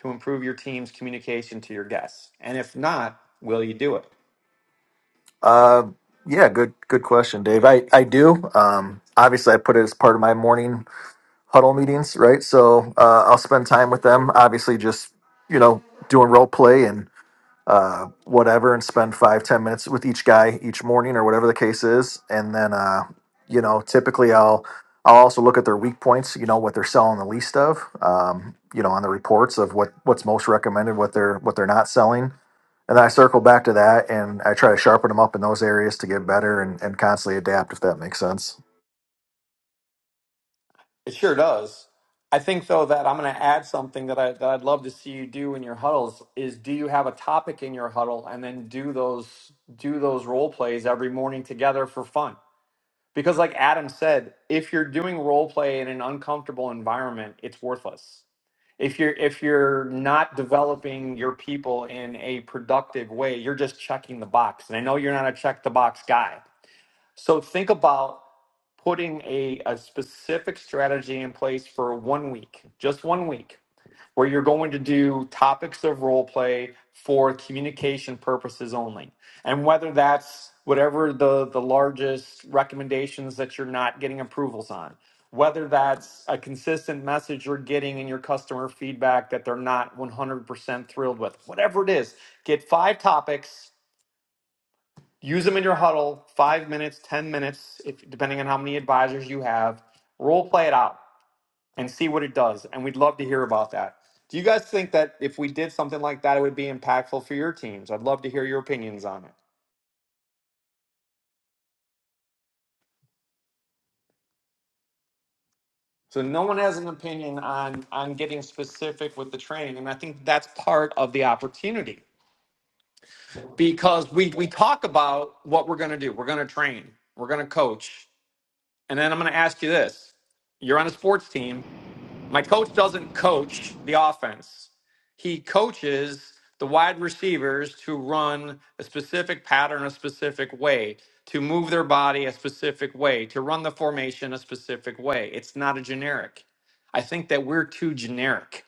[SPEAKER 1] to improve your team's communication to your guests? And if not, will you do it?
[SPEAKER 6] uh, yeah good good question dave i i do um obviously i put it as part of my morning huddle meetings right so uh, i'll spend time with them obviously just you know doing role play uh, whatever and spend five ten minutes with each guy each morning or whatever the case is and then uh, you know typically i'll i'll also look at their weak points you know what they're selling the least of um, you know on the reports of what what's most recommended what they're what they're not selling and then i circle back to that and i try to sharpen them up in those areas to get better and, and constantly adapt if that makes sense
[SPEAKER 1] It sure does. I think though that I'm going to add something that I that I'd love to see you do in your huddles is do you have a topic in your huddle and then do those do those role plays every morning together for fun. Because like Adam said, if you're doing role play in an uncomfortable environment, it's worthless. If you're if you're not developing your people in a productive way, you're just checking the box. And I know you're not a check the box guy. So think about putting a, a specific strategy in place for one week, just one week, where you're going to do topics of role play for communication purposes only. And whether that's whatever the, the largest recommendations that you're not getting approvals on, whether that's a consistent message you're getting in your customer feedback that they're not 100% thrilled with, whatever it is, get five topics Use them in your huddle, five minutes, 10 minutes, if, depending on how many advisors you have. Role play it out and see what it does. And we'd love to hear about that. Do you guys think that if we did something like that, it would be impactful for your teams? I'd love to hear your opinions on it. So no one has an opinion on on getting specific with the training, and I think that's part of the opportunity because we we talk about what we're going to do. We're going to train. We're going to coach, and then I'm going to ask you this: You're on a sports team. My coach doesn't coach the offense. He coaches the wide receivers to run a specific pattern a specific way, to move their body a specific way, to run the formation a specific way. It's not a generic. I think that we're too generic.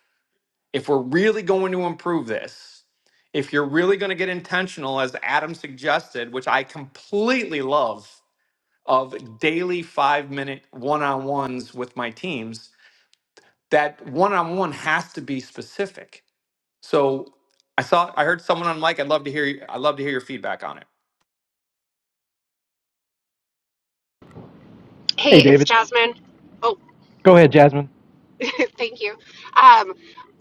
[SPEAKER 1] If we're really going to improve this, if you're really going to get intentional, as Adam suggested, which I completely love, of daily five minute one on ones with my teams, that one-on-one has to be specific. So I saw I heard someone on mic. I'd love to hear you- I'd love to hear your feedback on it.
[SPEAKER 11] Hey, it's Jasmine. Oh, thank you. Um,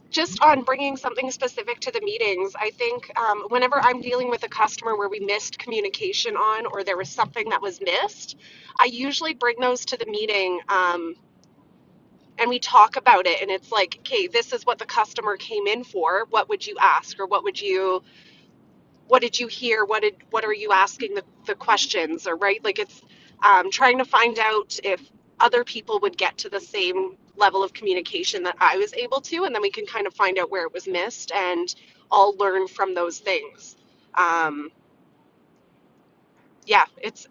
[SPEAKER 11] just on bringing something specific to the meetings, I think um, whenever I'm dealing with a customer where we missed communication on or there was something that was missed, I usually bring those to the meeting um, and we talk about it. And it's like, okay, this is what the customer came in for. What would you ask or what would you? what did you hear what did what are you asking the, the questions or right like it's um, trying to find out if other people would get to the same level of communication that i was able to and then we can kind of find out where it was missed and all learn from those things um, yeah it's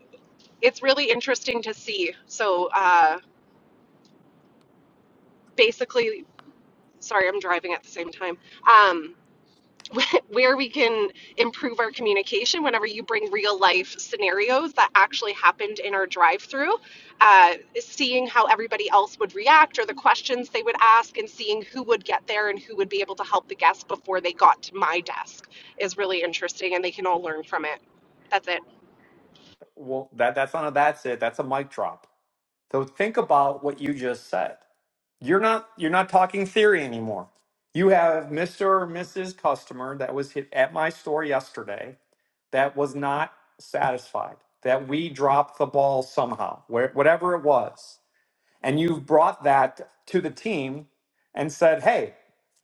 [SPEAKER 11] it's really interesting to see so uh, basically sorry i'm driving at the same time Um, where we can improve our communication whenever you bring real life scenarios that actually happened in our drive through, uh, seeing how everybody else would react or the questions they would ask, and seeing who would get there and who would be able to help the guest before they got to my desk is really interesting, and they can all learn from it. That's it.
[SPEAKER 1] Well, that that's not a that's it. That's a mic drop. So think about what you just said. You're not you're not talking theory anymore. You have Mr. or Mrs. customer that was hit at my store yesterday that was not satisfied. That we dropped the ball somehow, where, whatever it was. and you've brought that to the team and said, "Hey,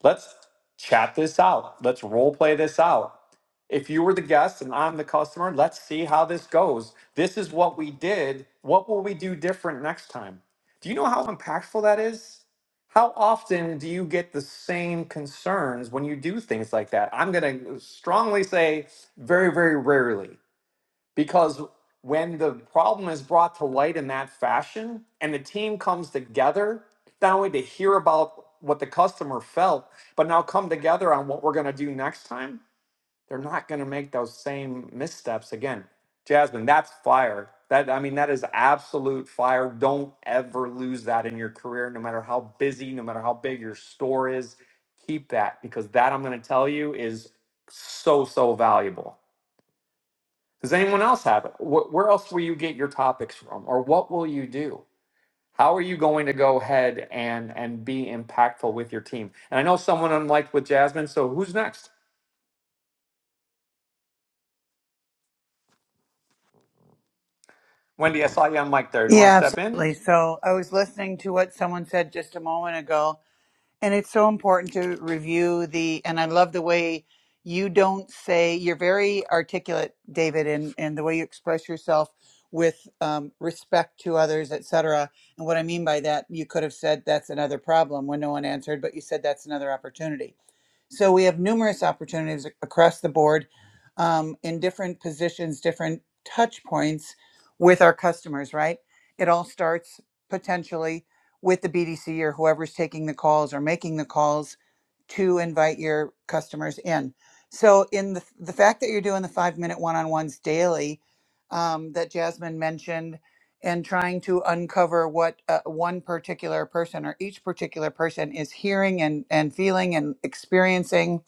[SPEAKER 1] let's chat this out. Let's role play this out. If you were the guest and I'm the customer, let's see how this goes. This is what we did. What will we do different next time?" Do you know how impactful that is? How often do you get the same concerns when you do things like that? I'm going to strongly say very very rarely because when the problem is brought to light in that fashion and the team comes together not only to hear about what the customer felt but now come together on what we're going to do next time they're not going to make those same missteps again jasmine that's fire that i mean that is absolute fire don't ever lose that in your career no matter how busy no matter how big your store is keep that because that i'm going to tell you is so so valuable does anyone else have it? Wh- Where else will you get your topics from, or what will you do? How are you going to go ahead and and be impactful with your team? And I know someone unliked with Jasmine. So who's next? Wendy, I saw you on mic there. Do you want to
[SPEAKER 2] Yeah,
[SPEAKER 1] step in?
[SPEAKER 2] absolutely. So I was listening to what someone said just a moment ago, And it's so important to review the, and I love the way you don't say, you're very articulate, David, and, and the way you express yourself with um, respect to others, et cetera. And what I mean by that, you could have said, that's another problem when no one answered, but you said, that's another opportunity so we have numerous opportunities across the board um, in different positions, different touch points with our customers, right? It all starts potentially with the BDC or whoever's taking the calls or making the calls to invite your customers in. So, in the, the fact that you're doing the five minute one on ones daily um, that Jasmine mentioned, and trying to uncover what uh, one particular person or each particular person is hearing and, and feeling and experiencing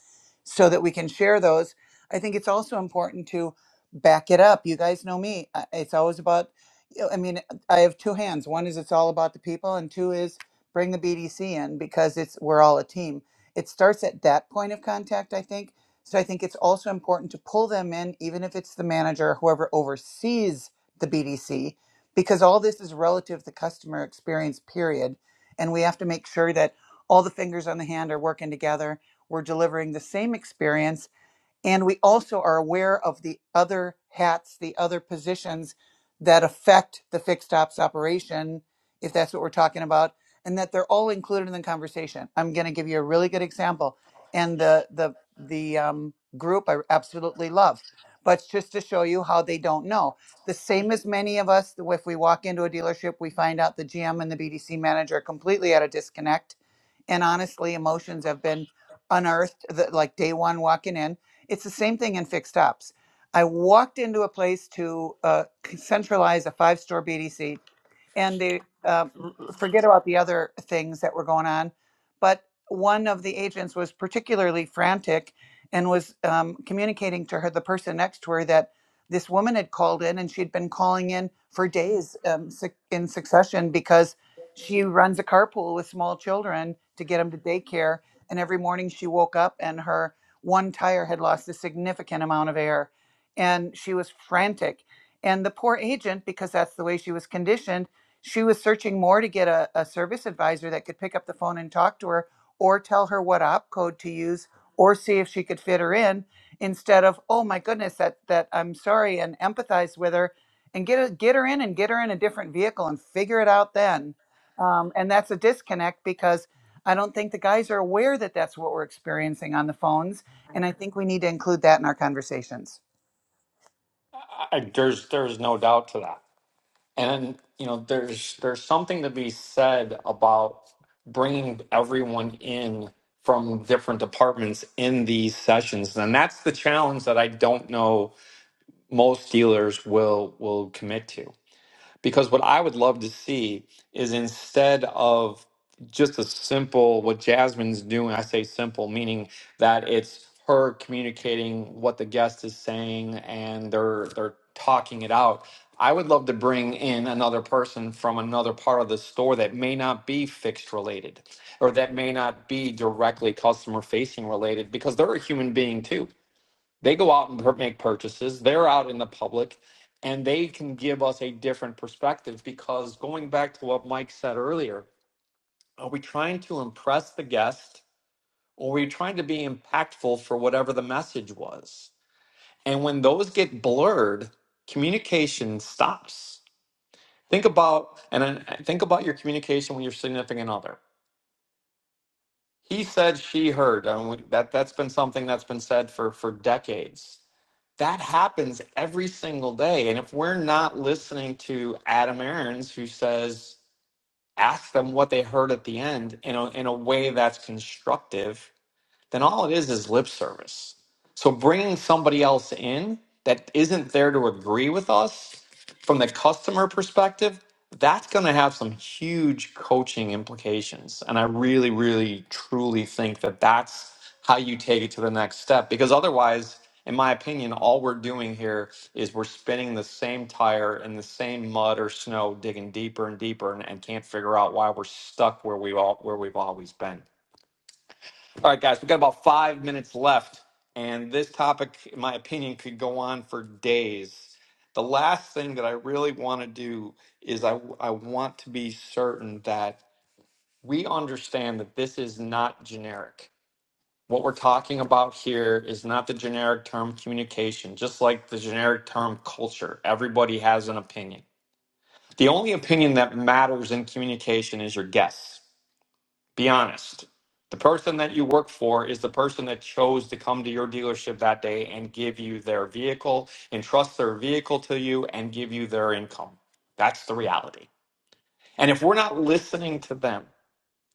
[SPEAKER 2] so that we can share those. I think it's also important to back it up. You guys know me. I- It's always about, you know, I mean, I have two hands. One is it's all about the people, and two is bring the BDC in because it's we're all a team. It starts at that point of contact, I think. So I think it's also important to pull them in, even if it's the manager, whoever oversees the BDC, because all this is relative to customer experience period and we have to make sure that all the fingers on the hand are working together we're delivering the same experience and we also are aware of the other hats, the other positions that affect the fixed ops operation, if that's what we're talking about, and that they're all included in the conversation. I'm going to give you a really good example, and the the the um, group I absolutely love, but just to show you how they don't know. The same as many of us, if we walk into a dealership, we find out the GM and the BDC manager are completely at a disconnect, and honestly, emotions have been unearthed. The, like day one walking in it's the same thing in fixed ops. I walked into a place to uh, centralize a five store BDC and they uh, forget about the other things that were going on but one of the agents was particularly frantic and was um, communicating to her the person next to her that this woman had called in and she'd been calling in for days um, suc- in succession because she runs a carpool with small children to get them to daycare and every morning she woke up and her one tire had lost a significant amount of air and she was frantic and the poor agent because that's the way she was conditioned she was searching more to get a, a service advisor that could pick up the phone and talk to her or tell her what op code to use or see if she could fit her in instead of, oh my goodness, that that I'm sorry and empathize with her and get a, get her in and get her in a different vehicle and figure it out then. Um, and that's a disconnect because I don't think the guys are aware that that's what we're experiencing on the phones and I think we need to include that in our conversations.
[SPEAKER 1] I- there's there's no doubt to that. And you know, there's there's something to be said about bringing everyone in from different departments in these sessions, and that's the challenge that I don't know most dealers will will commit to Because what I would love to see is instead of just a simple, what Jasmine's doing, I say simple, meaning that it's her communicating what the guest is saying and they're they're talking it out. I would love to bring in another person from another part of the store that may not be fixed related or that may not be directly customer facing related because they're a human being too they go out and make purchases. They're out in the public and they can give us a different perspective because going back to what Mike said earlier, are we trying to impress the guest or are we trying to be impactful for whatever the message was? And when those get blurred, communication stops. Think about and think about your communication with your significant other. He said, she heard. I mean, that that's been something that's been said for for decades. that happens every single day. And if we're not listening to Adam Aarons, who says, ask them what they heard at the end in a, in a way that's constructive, then all it is is lip service. So bringing somebody else in that isn't there to agree with us from the customer perspective, that's going to have some huge coaching implications. And I really, really, truly think that that's how you take it to the next step because otherwise, in my opinion, all we're doing here is we're spinning the same tire in the same mud or snow, digging deeper and deeper, and, and can't figure out why we're stuck where we all where we've always been. All right, guys, we've got about five minutes left, and this topic, in my opinion, could go on for days. The last thing that I really want to do is I, I want to be certain that we understand that this is not generic. What we're talking about here is not the generic term communication, just like the generic term culture. Everybody has an opinion. The only opinion that matters in communication is your guess. Be honest. The person that you work for is the person that chose to come to your dealership that day and give you their vehicle, entrust their vehicle to you, and give you their income. That's the reality. And if we're not listening to them,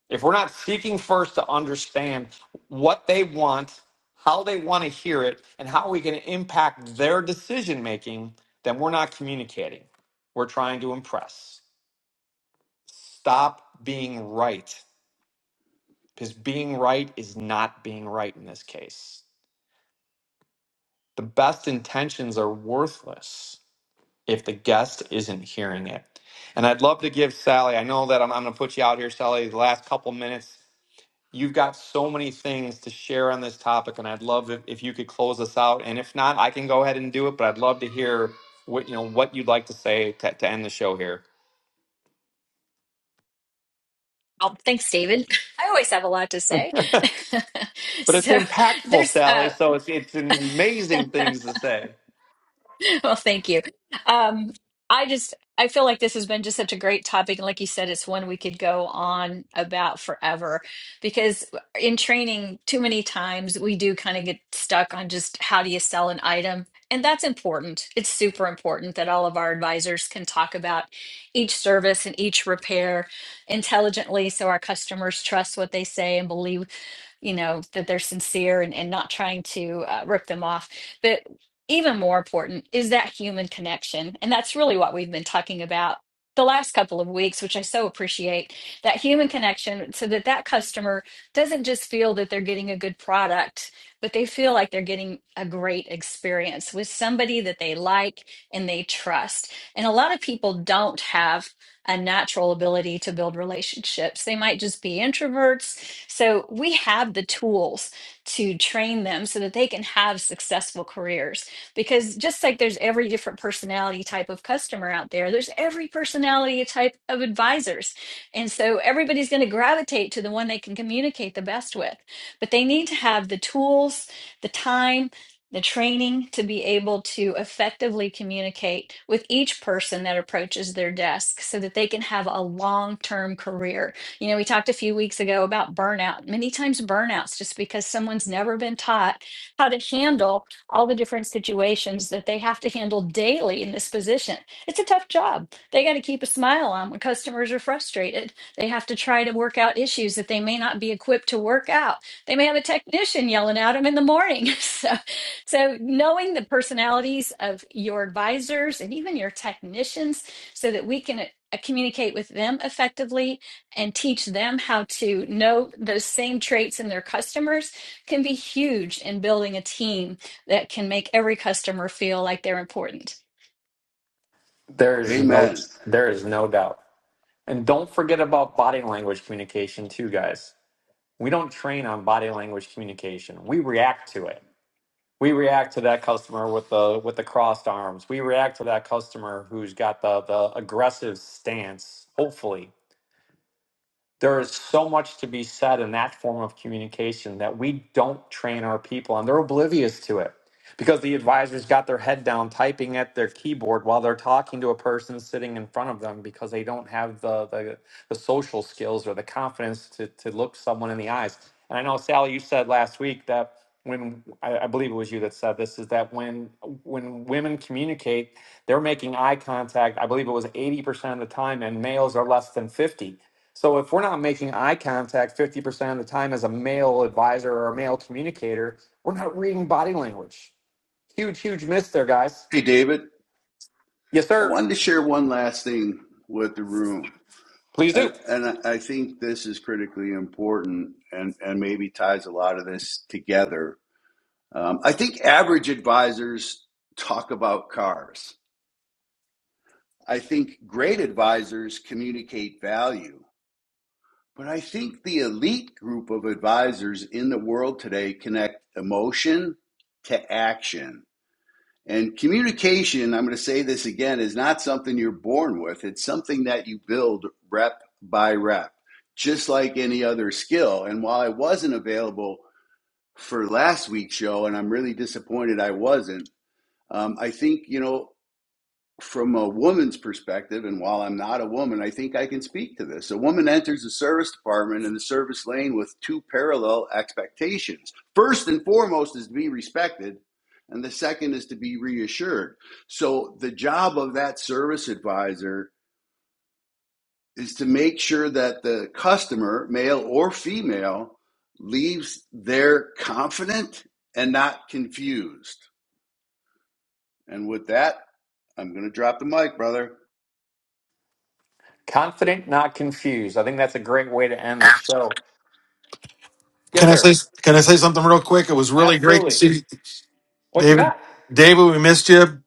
[SPEAKER 1] if we're not seeking first to understand what they want, how they want to hear it, and how we can impact their decision making, then we're not communicating. We're trying to impress. Stop being right because being right is not being right in this case. The best intentions are worthless if the guest isn't hearing it. And I'd love to give Sally, I know that I'm, I'm going to put you out here, Sally, the last couple minutes. You've got so many things to share on this topic, and I'd love if, if you could close us out. And if not, I can go ahead and do it, but I'd love to hear what you know what you'd like to say to, to end the show here.
[SPEAKER 4] Oh, thanks, David. I always have a lot to say.
[SPEAKER 1] but it's
[SPEAKER 4] so
[SPEAKER 1] impactful,
[SPEAKER 4] there's,
[SPEAKER 1] Sally.
[SPEAKER 4] uh,
[SPEAKER 1] So it's it's amazing things to say.
[SPEAKER 4] well, thank you. Um, I just, I feel like this has been just such a great topic. And like you said, it's one we could go on about forever because in training, too many times we do kind of get stuck on just how do you sell an item. And that's important. It's super important that all of our advisors can talk about each service and each repair intelligently so our customers trust what they say and believe you know, that they're sincere and, and not trying to uh, rip them off. But even more important is that human connection. And that's really what we've been talking about the last couple of weeks, which I so appreciate that human connection so that that customer doesn't just feel that they're getting a good product, but they feel like they're getting a great experience with somebody that they like and they trust. And a lot of people don't have a natural ability to build relationships. They might just be introverts so we have the tools to train them so that they can have successful careers. Because just like there's every different personality type of customer out there, there's every personality type of advisors. And so everybody's going to gravitate to the one they can communicate the best with. But they need to have the tools, the time, the training to be able to effectively communicate with each person that approaches their desk so that they can have a long term career you know, we talked a few weeks ago about burnout. Many times, burnouts just because someone's never been taught how to handle all the different situations that they have to handle daily in this position. It's a tough job. They got to keep a smile on when customers are frustrated. They have to try to work out issues that they may not be equipped to work out. They may have a technician yelling at them in the morning. So, so knowing the personalities of your advisors and even your technicians so that we can uh, communicate with them effectively and teach them how to know those same traits in their customers can be huge in building a team that can make every customer feel like they're important.
[SPEAKER 1] There is no
[SPEAKER 5] Amen.
[SPEAKER 1] there is no doubt. And don't forget about body language communication too, guys. We don't train on body language communication. We react to it. We react to that customer with the with the crossed arms. We react to that customer who's got the the aggressive stance, hopefully there is so much to be said in that form of communication that we don't train our people and they're oblivious to it because the advisors got their head down typing at their keyboard while they're talking to a person sitting in front of them because they don't have the the, the social skills or the confidence to, to look someone in the eyes and i know sally you said last week that when I, I believe it was you that said this is that when when women communicate they're making eye contact i believe it was 80% of the time and males are less than 50 so if we're not making eye contact 50% of the time as a male advisor or a male communicator, we're not reading body language. Huge, huge miss there, guys.
[SPEAKER 5] Hey, David,
[SPEAKER 1] Yes,
[SPEAKER 5] I
[SPEAKER 1] sir.
[SPEAKER 5] wanted to share one last thing with the room.
[SPEAKER 1] Please
[SPEAKER 5] And,
[SPEAKER 1] do.
[SPEAKER 5] and I I think this is critically important and, and maybe ties a lot of this together Um, I think average advisors talk about cars. I think great advisors communicate value. But I think the elite group of advisors in the world today connect emotion to action. And communication, I'm going to say this again, is not something you're born with. It's something that you build rep by rep, just like any other skill. And while I wasn't available for last week's show, and I'm really disappointed I wasn't, Um, I think, you know, from a woman's perspective, and while I'm not a woman, I think I can speak to this. A woman enters the service department and the service lane with two parallel expectations. First and foremost is to be respected, and the second is to be reassured. So the job of that service advisor is to make sure that the customer, male or female, leaves there confident and not confused. And with that, I'm going to drop the mic, brother.
[SPEAKER 1] Confident, not confused. I think that's a great way to end the show. Yes,
[SPEAKER 12] Can I say
[SPEAKER 1] sir.
[SPEAKER 12] Can I say something real quick? It was really great to
[SPEAKER 1] Absolutely.
[SPEAKER 12] see
[SPEAKER 1] What you
[SPEAKER 12] David.
[SPEAKER 1] got?
[SPEAKER 12] David, we missed you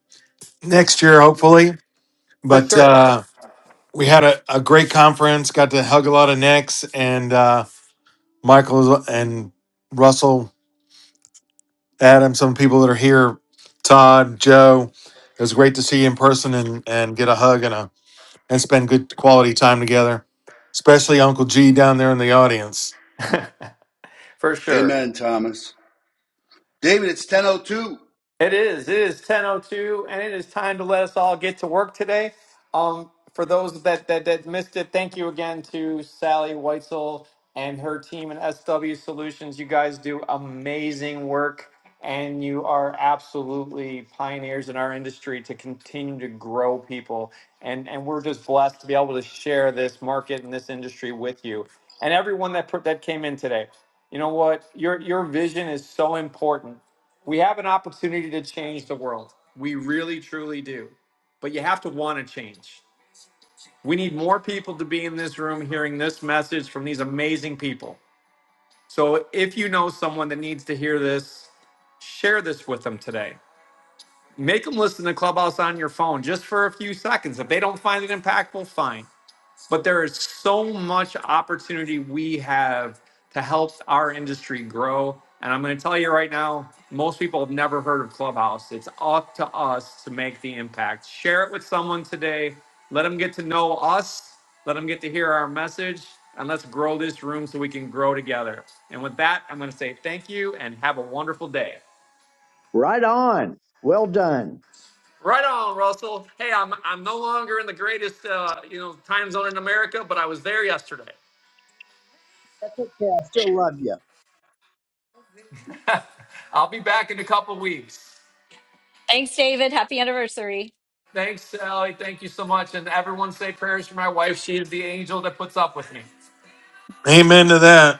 [SPEAKER 12] next year, hopefully.
[SPEAKER 1] For
[SPEAKER 12] But
[SPEAKER 1] sure.
[SPEAKER 12] uh, we had a, a great conference. Got to hug a lot of necks, and uh, Michael and Russell, Adam, some people that are here, Todd, Joe. It was great to see you in person and and get a hug and a and spend good quality time together. Especially Uncle G down there in the audience.
[SPEAKER 1] For sure.
[SPEAKER 5] Amen, Thomas. David, it's 10.02.
[SPEAKER 1] It is. It is 10:02 and it is time to let us all get to work today. Um for those that that, that missed it, thank you again to Sally Weitzel and her team and SW Solutions. You guys do amazing work and you are absolutely pioneers in our industry to continue to grow people and and we're just blessed to be able to share this market and this industry with you and everyone that put that came in today. You know what? Your your vision is so important we have an opportunity to change the world. We really, truly do. But you have to want to change. We need more people to be in this room hearing this message from these amazing people. So if you know someone that needs to hear this, share this with them today. Make them listen to Clubhouse on your phone just for a few seconds. If they don't find it impactful, fine but there is so much opportunity we have to help our industry grow. And I'm going to tell you right now, most people have never heard of Clubhouse. It's up to us to make the impact. Share it with someone today. Let them get to know us. Let them get to hear our message. And let's grow this room so we can grow together. And with that, I'm going to say thank you and have a wonderful day.
[SPEAKER 13] Right on. Well done.
[SPEAKER 1] Right on, Russell. Hey, I'm I'm no longer in the greatest uh, you know time zone in America, but I was there yesterday.
[SPEAKER 13] Okay, I still love you.
[SPEAKER 1] I'll be back in a couple weeks.
[SPEAKER 4] Thanks, David. Happy anniversary.
[SPEAKER 1] Thanks, Sally. Thank you so much. And everyone say prayers for my wife. She is the angel that puts up with me.
[SPEAKER 12] Amen to that.